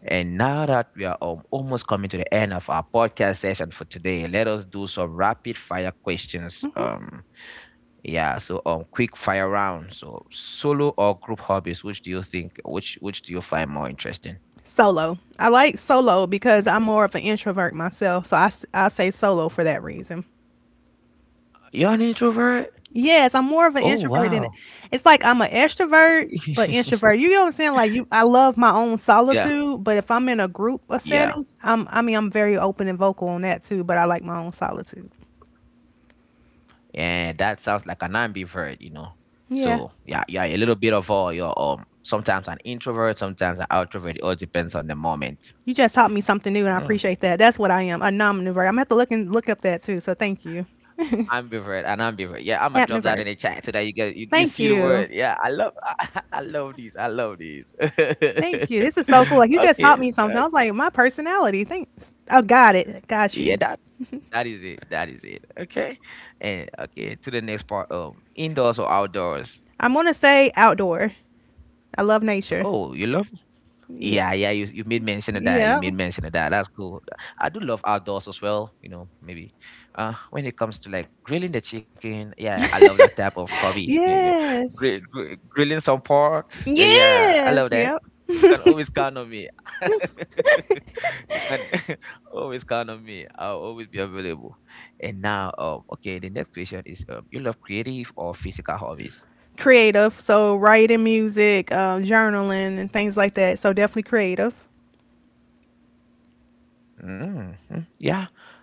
[SPEAKER 1] And now that we are um, almost coming to the end of our podcast session for today, let us do some rapid fire questions. Um, yeah. So um, quick fire round. So solo or group hobbies, which do you think? Which which do you find more interesting?
[SPEAKER 2] Solo. I like solo because I'm more of an introvert myself, so I s- I say solo for that reason.
[SPEAKER 1] You're an introvert.
[SPEAKER 2] Yes, I'm more of an
[SPEAKER 1] Oh
[SPEAKER 2] introvert
[SPEAKER 1] wow.
[SPEAKER 2] than it's like I'm an extrovert but introvert. You know what I'm saying? Like you, I love my own
[SPEAKER 1] Yeah.
[SPEAKER 2] solitude, but if I'm in a group or
[SPEAKER 1] Yeah.
[SPEAKER 2] setting, I'm I mean I'm very open and vocal on that too. But I like my own solitude.
[SPEAKER 1] And that sounds like an ambivert, you know.
[SPEAKER 2] Yeah.
[SPEAKER 1] So yeah, yeah, a little bit of all. You're um sometimes an introvert, sometimes an outrovert. It all depends on the moment.
[SPEAKER 2] You just taught me something new, and I
[SPEAKER 1] Mm.
[SPEAKER 2] appreciate that. That's what I am, a nomnivore. I'm gonna have to look and look up that too. So thank you,
[SPEAKER 1] Ambivert and ambivert. Yeah, I'ma drop that
[SPEAKER 2] apnivore.
[SPEAKER 1] in the chat so that you get you, you
[SPEAKER 2] Thank
[SPEAKER 1] see the
[SPEAKER 2] you.
[SPEAKER 1] word. Yeah, I love I love these. I love these.
[SPEAKER 2] Thank
[SPEAKER 1] Okay.
[SPEAKER 2] you. This is so cool. Like you
[SPEAKER 1] uh,
[SPEAKER 2] just taught me something. I was like, my personality. Thanks. I got it. Got
[SPEAKER 1] Yeah,
[SPEAKER 2] you.
[SPEAKER 1] that that is it. That is it. Okay. And okay, to the next part. Um indoors or outdoors.
[SPEAKER 2] I'm gonna say outdoor. I love nature.
[SPEAKER 1] Oh, you love. Yeah,
[SPEAKER 2] Yes.
[SPEAKER 1] yeah, you you made mention of that. You made
[SPEAKER 2] Yep.
[SPEAKER 1] mention of that. That's cool. I do love outdoors as well, you know, maybe. Uh when it comes to like grilling the chicken, yeah, I love that type of hobby. Yeah. Grill,
[SPEAKER 2] Yes.
[SPEAKER 1] grill, grilling some pork. uh, Yeah, I love
[SPEAKER 2] Yes.
[SPEAKER 1] that.
[SPEAKER 2] Yep.
[SPEAKER 1] You can always count on me. You can always count on me. I'll always be available. And now, um, okay, the next question is, um, you love creative or physical hobbies?
[SPEAKER 2] Creative. So writing music, um, journaling, and things like that. So definitely creative.
[SPEAKER 1] Mhm. Yeah.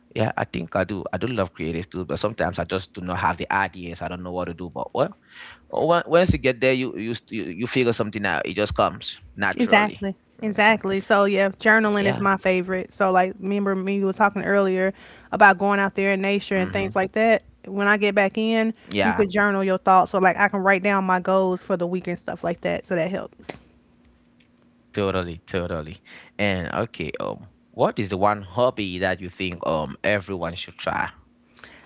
[SPEAKER 1] Yeah, I think I do. I do love creatives too, but sometimes I just do not have the ideas. I don't know what to do. But well, o- on- once you get there, you you st- you you figure something out. It just comes naturally.
[SPEAKER 2] Exactly.
[SPEAKER 1] Mhm.
[SPEAKER 2] Exactly. So yeah, journaling is
[SPEAKER 1] Yeah.
[SPEAKER 2] my favorite. So like remember me was talking earlier about going out there in nature and
[SPEAKER 1] Hmm.
[SPEAKER 2] things like that. When I get back in, you
[SPEAKER 1] Yeah.
[SPEAKER 2] could journal your thoughts. So like I can write down my goals for the week and stuff like that. So that helps.
[SPEAKER 1] Totally. Totally. And okay. Um, what is the one hobby that you think um everyone should try?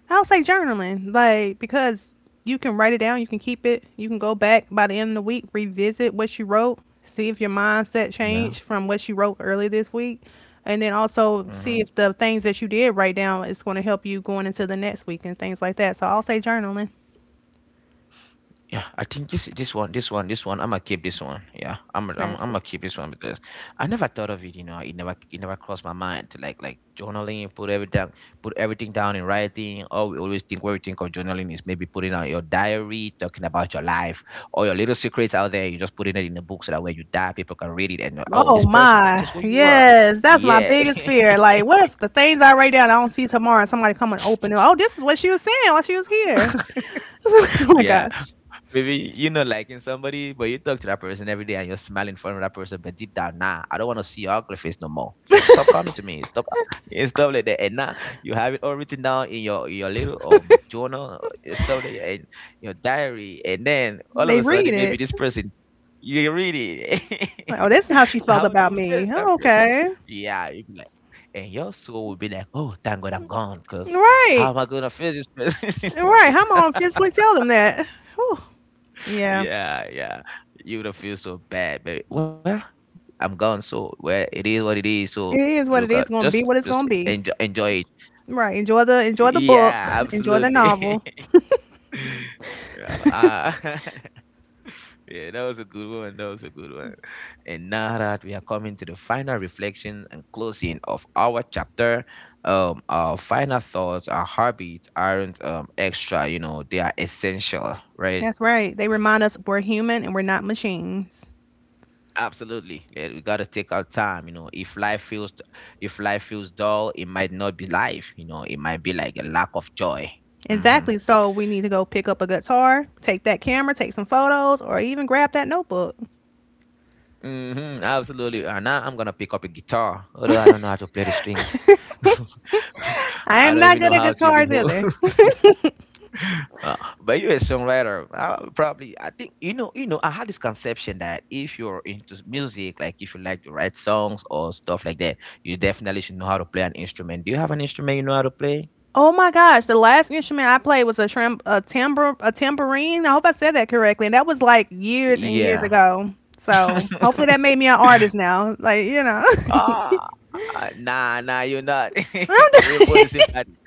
[SPEAKER 2] I'll say journaling, like because you can write it down, you can keep it, you can go back by the end of the week, revisit what you wrote, see if your mindset
[SPEAKER 1] Yeah.
[SPEAKER 2] changed from what you wrote earlier this week, and then also see
[SPEAKER 1] Mhm.
[SPEAKER 2] if the things that you did write down is going to help you going into the next week and things like that. So I'll say journaling.
[SPEAKER 1] Yeah, I think this this one, this one, this one. I'ma keep this one. Yeah, I'm I'm I'ma
[SPEAKER 2] Perfect.
[SPEAKER 1] keep this one because I never thought of it. You know, it never it never crossed my mind to like like journaling, put everything put everything down in writing. Or we always think what we think of journaling is maybe putting out your diary, talking about your life or your little secrets out there. You just putting it in a book so that when you die, people can read it and know, oh,
[SPEAKER 2] Oh
[SPEAKER 1] this person,
[SPEAKER 2] my,
[SPEAKER 1] this is who you were.
[SPEAKER 2] yes, that's my
[SPEAKER 1] Yeah,
[SPEAKER 2] biggest fear. Like, what if the things I write down I don't see tomorrow and somebody come and open it? Oh, this is what she was saying while she was here. Oh my
[SPEAKER 1] Yeah.
[SPEAKER 2] gosh,
[SPEAKER 1] Maybe, you know, liking somebody, but you talk to that person every day and you're smiling in front of that person, but deep down, nah, I don't want to see your ugly face no more. Stop, stop coming to me. Stop and stuff like that. And now you have it all written down in your your little um journal uh, and stuff like that, and your diary. And then all of
[SPEAKER 2] they
[SPEAKER 1] a
[SPEAKER 2] read
[SPEAKER 1] sudden, maybe
[SPEAKER 2] it.
[SPEAKER 1] this person you read it.
[SPEAKER 2] Like, oh, this is how she felt
[SPEAKER 1] How do
[SPEAKER 2] about
[SPEAKER 1] you face
[SPEAKER 2] me.
[SPEAKER 1] that
[SPEAKER 2] Oh,
[SPEAKER 1] person?
[SPEAKER 2] okay.
[SPEAKER 1] Yeah, you be like, and your soul will be like, oh, thank God I'm gone, because how
[SPEAKER 2] Right.
[SPEAKER 1] am I gonna face this person? Is
[SPEAKER 2] Right.
[SPEAKER 1] it?
[SPEAKER 2] How am I going to physically tell them that? Whew. Yeah.
[SPEAKER 1] Yeah, yeah. You would have feel so bad, but well, I'm gone, so well, it is what it is. So
[SPEAKER 2] It is what
[SPEAKER 1] look
[SPEAKER 2] it
[SPEAKER 1] out,
[SPEAKER 2] is. Going to be
[SPEAKER 1] just
[SPEAKER 2] what it's
[SPEAKER 1] just
[SPEAKER 2] going to be.
[SPEAKER 1] enjoy enjoy it.
[SPEAKER 2] Right. Enjoy the enjoy the
[SPEAKER 1] Yeah,
[SPEAKER 2] book. Enjoy the
[SPEAKER 1] absolutely.
[SPEAKER 2] novel.
[SPEAKER 1] Yeah, uh, yeah, that was a good one. That was a good one. And now that we are coming to the final reflection and closing of our chapter, um, our final thoughts, our habits aren't um extra. You know, they are essential, right?
[SPEAKER 2] That's right. They remind us we're human and we're not machines.
[SPEAKER 1] Absolutely. Yeah, we got to take our time, you know. If life feels if life feels dull, it might not be life, you know. It might be like a lack of joy. Mhm.
[SPEAKER 2] Exactly. So we need to go pick up a guitar, take that camera, take some photos, or even grab that notebook.
[SPEAKER 1] Mhm. Absolutely. And now I'm going to pick up a guitar, although I don't know how to play the strings.
[SPEAKER 2] I
[SPEAKER 1] I
[SPEAKER 2] am
[SPEAKER 1] don't
[SPEAKER 2] not
[SPEAKER 1] even
[SPEAKER 2] good
[SPEAKER 1] know
[SPEAKER 2] at
[SPEAKER 1] how to even
[SPEAKER 2] guitars
[SPEAKER 1] hold.
[SPEAKER 2] either.
[SPEAKER 1] Uh, but you're a songwriter. Uh, probably, I think you know. You know, I had this conception that if you're into music, like if you like to write songs or stuff like that, you definitely should know how to play an instrument. Do you have an instrument you know how to play?
[SPEAKER 2] Oh my gosh, the last instrument I played was a tram- a tambour a tambourine. I hope I said that correctly. And that was like years and years
[SPEAKER 1] Yeah.
[SPEAKER 2] ago. So hopefully that made me an artist now. Like, you know.
[SPEAKER 1] Ah, ah, nah, nah, you're not.
[SPEAKER 2] I'm
[SPEAKER 1] We are both the same
[SPEAKER 2] d-
[SPEAKER 1] category.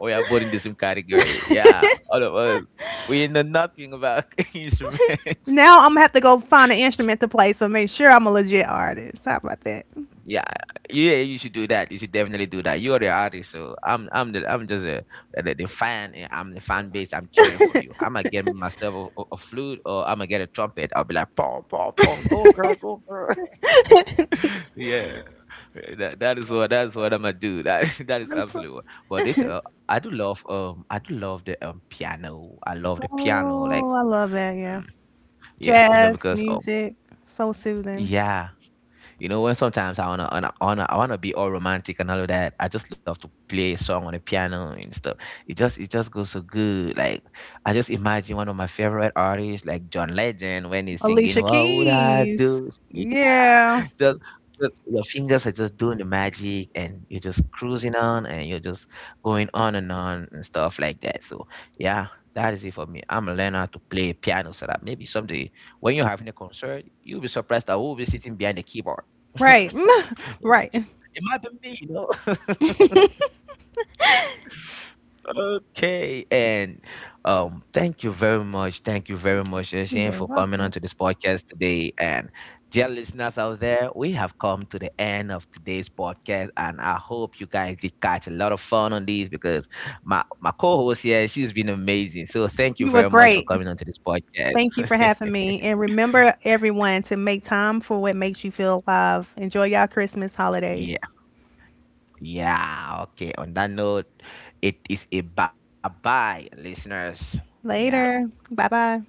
[SPEAKER 1] We are both in the same category. Yeah, all of us. We know nothing about instruments.
[SPEAKER 2] now I'm gonna have to go find an instrument to play, so make sure I'm a legit artist. How about that?
[SPEAKER 1] Yeah, yeah, you should do that. You should definitely do that. You are the artist, so I'm, I'm the, I'm just a, the, the fan. And I'm the fan base. I'm cheering for you. I'm gonna get myself a, a a flute, or I'm gonna get a trumpet. I'll be like, boom, boom, boom, go girl, go girl. Yeah. Eh, That that is what that's what I'm gonna do. That that is
[SPEAKER 2] I'm pr-
[SPEAKER 1] absolutely what. But this uh, I do love um I do love the um piano. I love the piano like
[SPEAKER 2] oh, I love that. Yeah,
[SPEAKER 1] mm, yeah you know
[SPEAKER 2] jazz
[SPEAKER 1] because um
[SPEAKER 2] music, so soothing.
[SPEAKER 1] yeah you know when sometimes I wanna, wanna, wanna I wanna be all romantic and all of that. I just love to play a song on the piano and stuff. It just it just goes so good. Like I just imagine one of my favorite artists like John Legend when he's singing
[SPEAKER 2] Alicia
[SPEAKER 1] "What Would I
[SPEAKER 2] Keys.
[SPEAKER 1] Do?"
[SPEAKER 2] Yeah,
[SPEAKER 1] just, just your fingers are just doing the magic and you're just cruising on and you're just going on and on and stuff like that. So yeah, that is it for me. I'm a learner to play piano so that maybe someday when you're having a concert, you'll be surprised that we'll be sitting behind the keyboard.
[SPEAKER 2] right,
[SPEAKER 1] it,
[SPEAKER 2] right.
[SPEAKER 1] it might be me, you know. Okay, and um, thank you very much. Thank you very much,
[SPEAKER 2] You're
[SPEAKER 1] Shane,
[SPEAKER 2] very
[SPEAKER 1] for coming
[SPEAKER 2] welcome.
[SPEAKER 1] onto this podcast today. And dear listeners out there, we have come to the end of today's podcast, and I hope you guys did catch a lot of fun on these because my my co-host here, she's been amazing. So thank you
[SPEAKER 2] You were
[SPEAKER 1] very much for
[SPEAKER 2] great.
[SPEAKER 1] coming onto this podcast.
[SPEAKER 2] Thank you for having me. And remember, everyone, to make time for what makes you feel alive. Enjoy y'all Christmas holiday.
[SPEAKER 1] Yeah, yeah. Okay. On that note, it is a bye bye, listeners. Yeah.
[SPEAKER 2] Later. Bye bye.